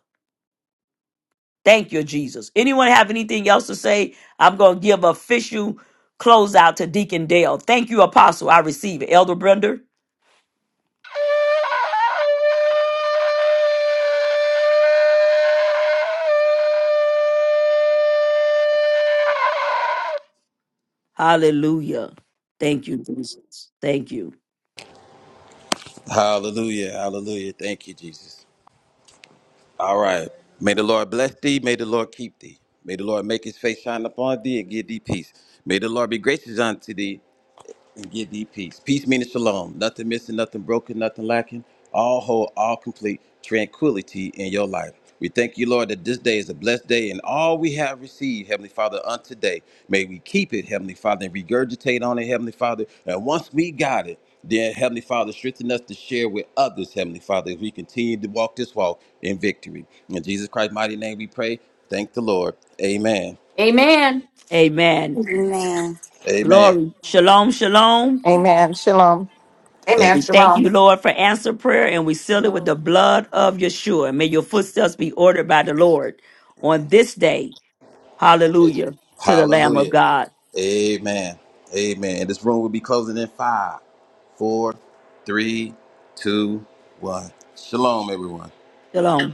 Thank you, Jesus. Anyone have anything else to say? I'm going to give official closeout to Deacon Dale. Thank you, Apostle. I receive it. Elder Brenda. Hallelujah. Thank you, Jesus. Thank you.
Hallelujah, hallelujah. Thank you, Jesus. All right. May the Lord bless thee. May the Lord keep thee. May the Lord make his face shine upon thee and give thee peace. May the Lord be gracious unto thee Give thee peace. Peace meaning shalom. Nothing missing, nothing broken, nothing lacking. All whole, all complete tranquility in your life. We thank you, Lord, that this day is a blessed day and all we have received, Heavenly Father, unto today. May we keep it, Heavenly Father, and regurgitate on it, Heavenly Father. And once we got it, then, Heavenly Father, strengthen us to share with others, Heavenly Father, as we continue to walk this walk in victory. In Jesus Christ's mighty name we pray. Thank the Lord. Amen.
Amen.
Amen.
Amen.
Amen.
Glory. Shalom, shalom.
Amen. Shalom.
And
Amen.
We thank
Shalom.
you, Lord, for answer prayer, and we seal it with the blood of Yeshua. May your footsteps be ordered by the Lord on this day. Hallelujah to the Lamb of
Hallelujah.
God.
Amen. Amen. And this room will be closing in five, four, three, two, one. Shalom, everyone.
Shalom.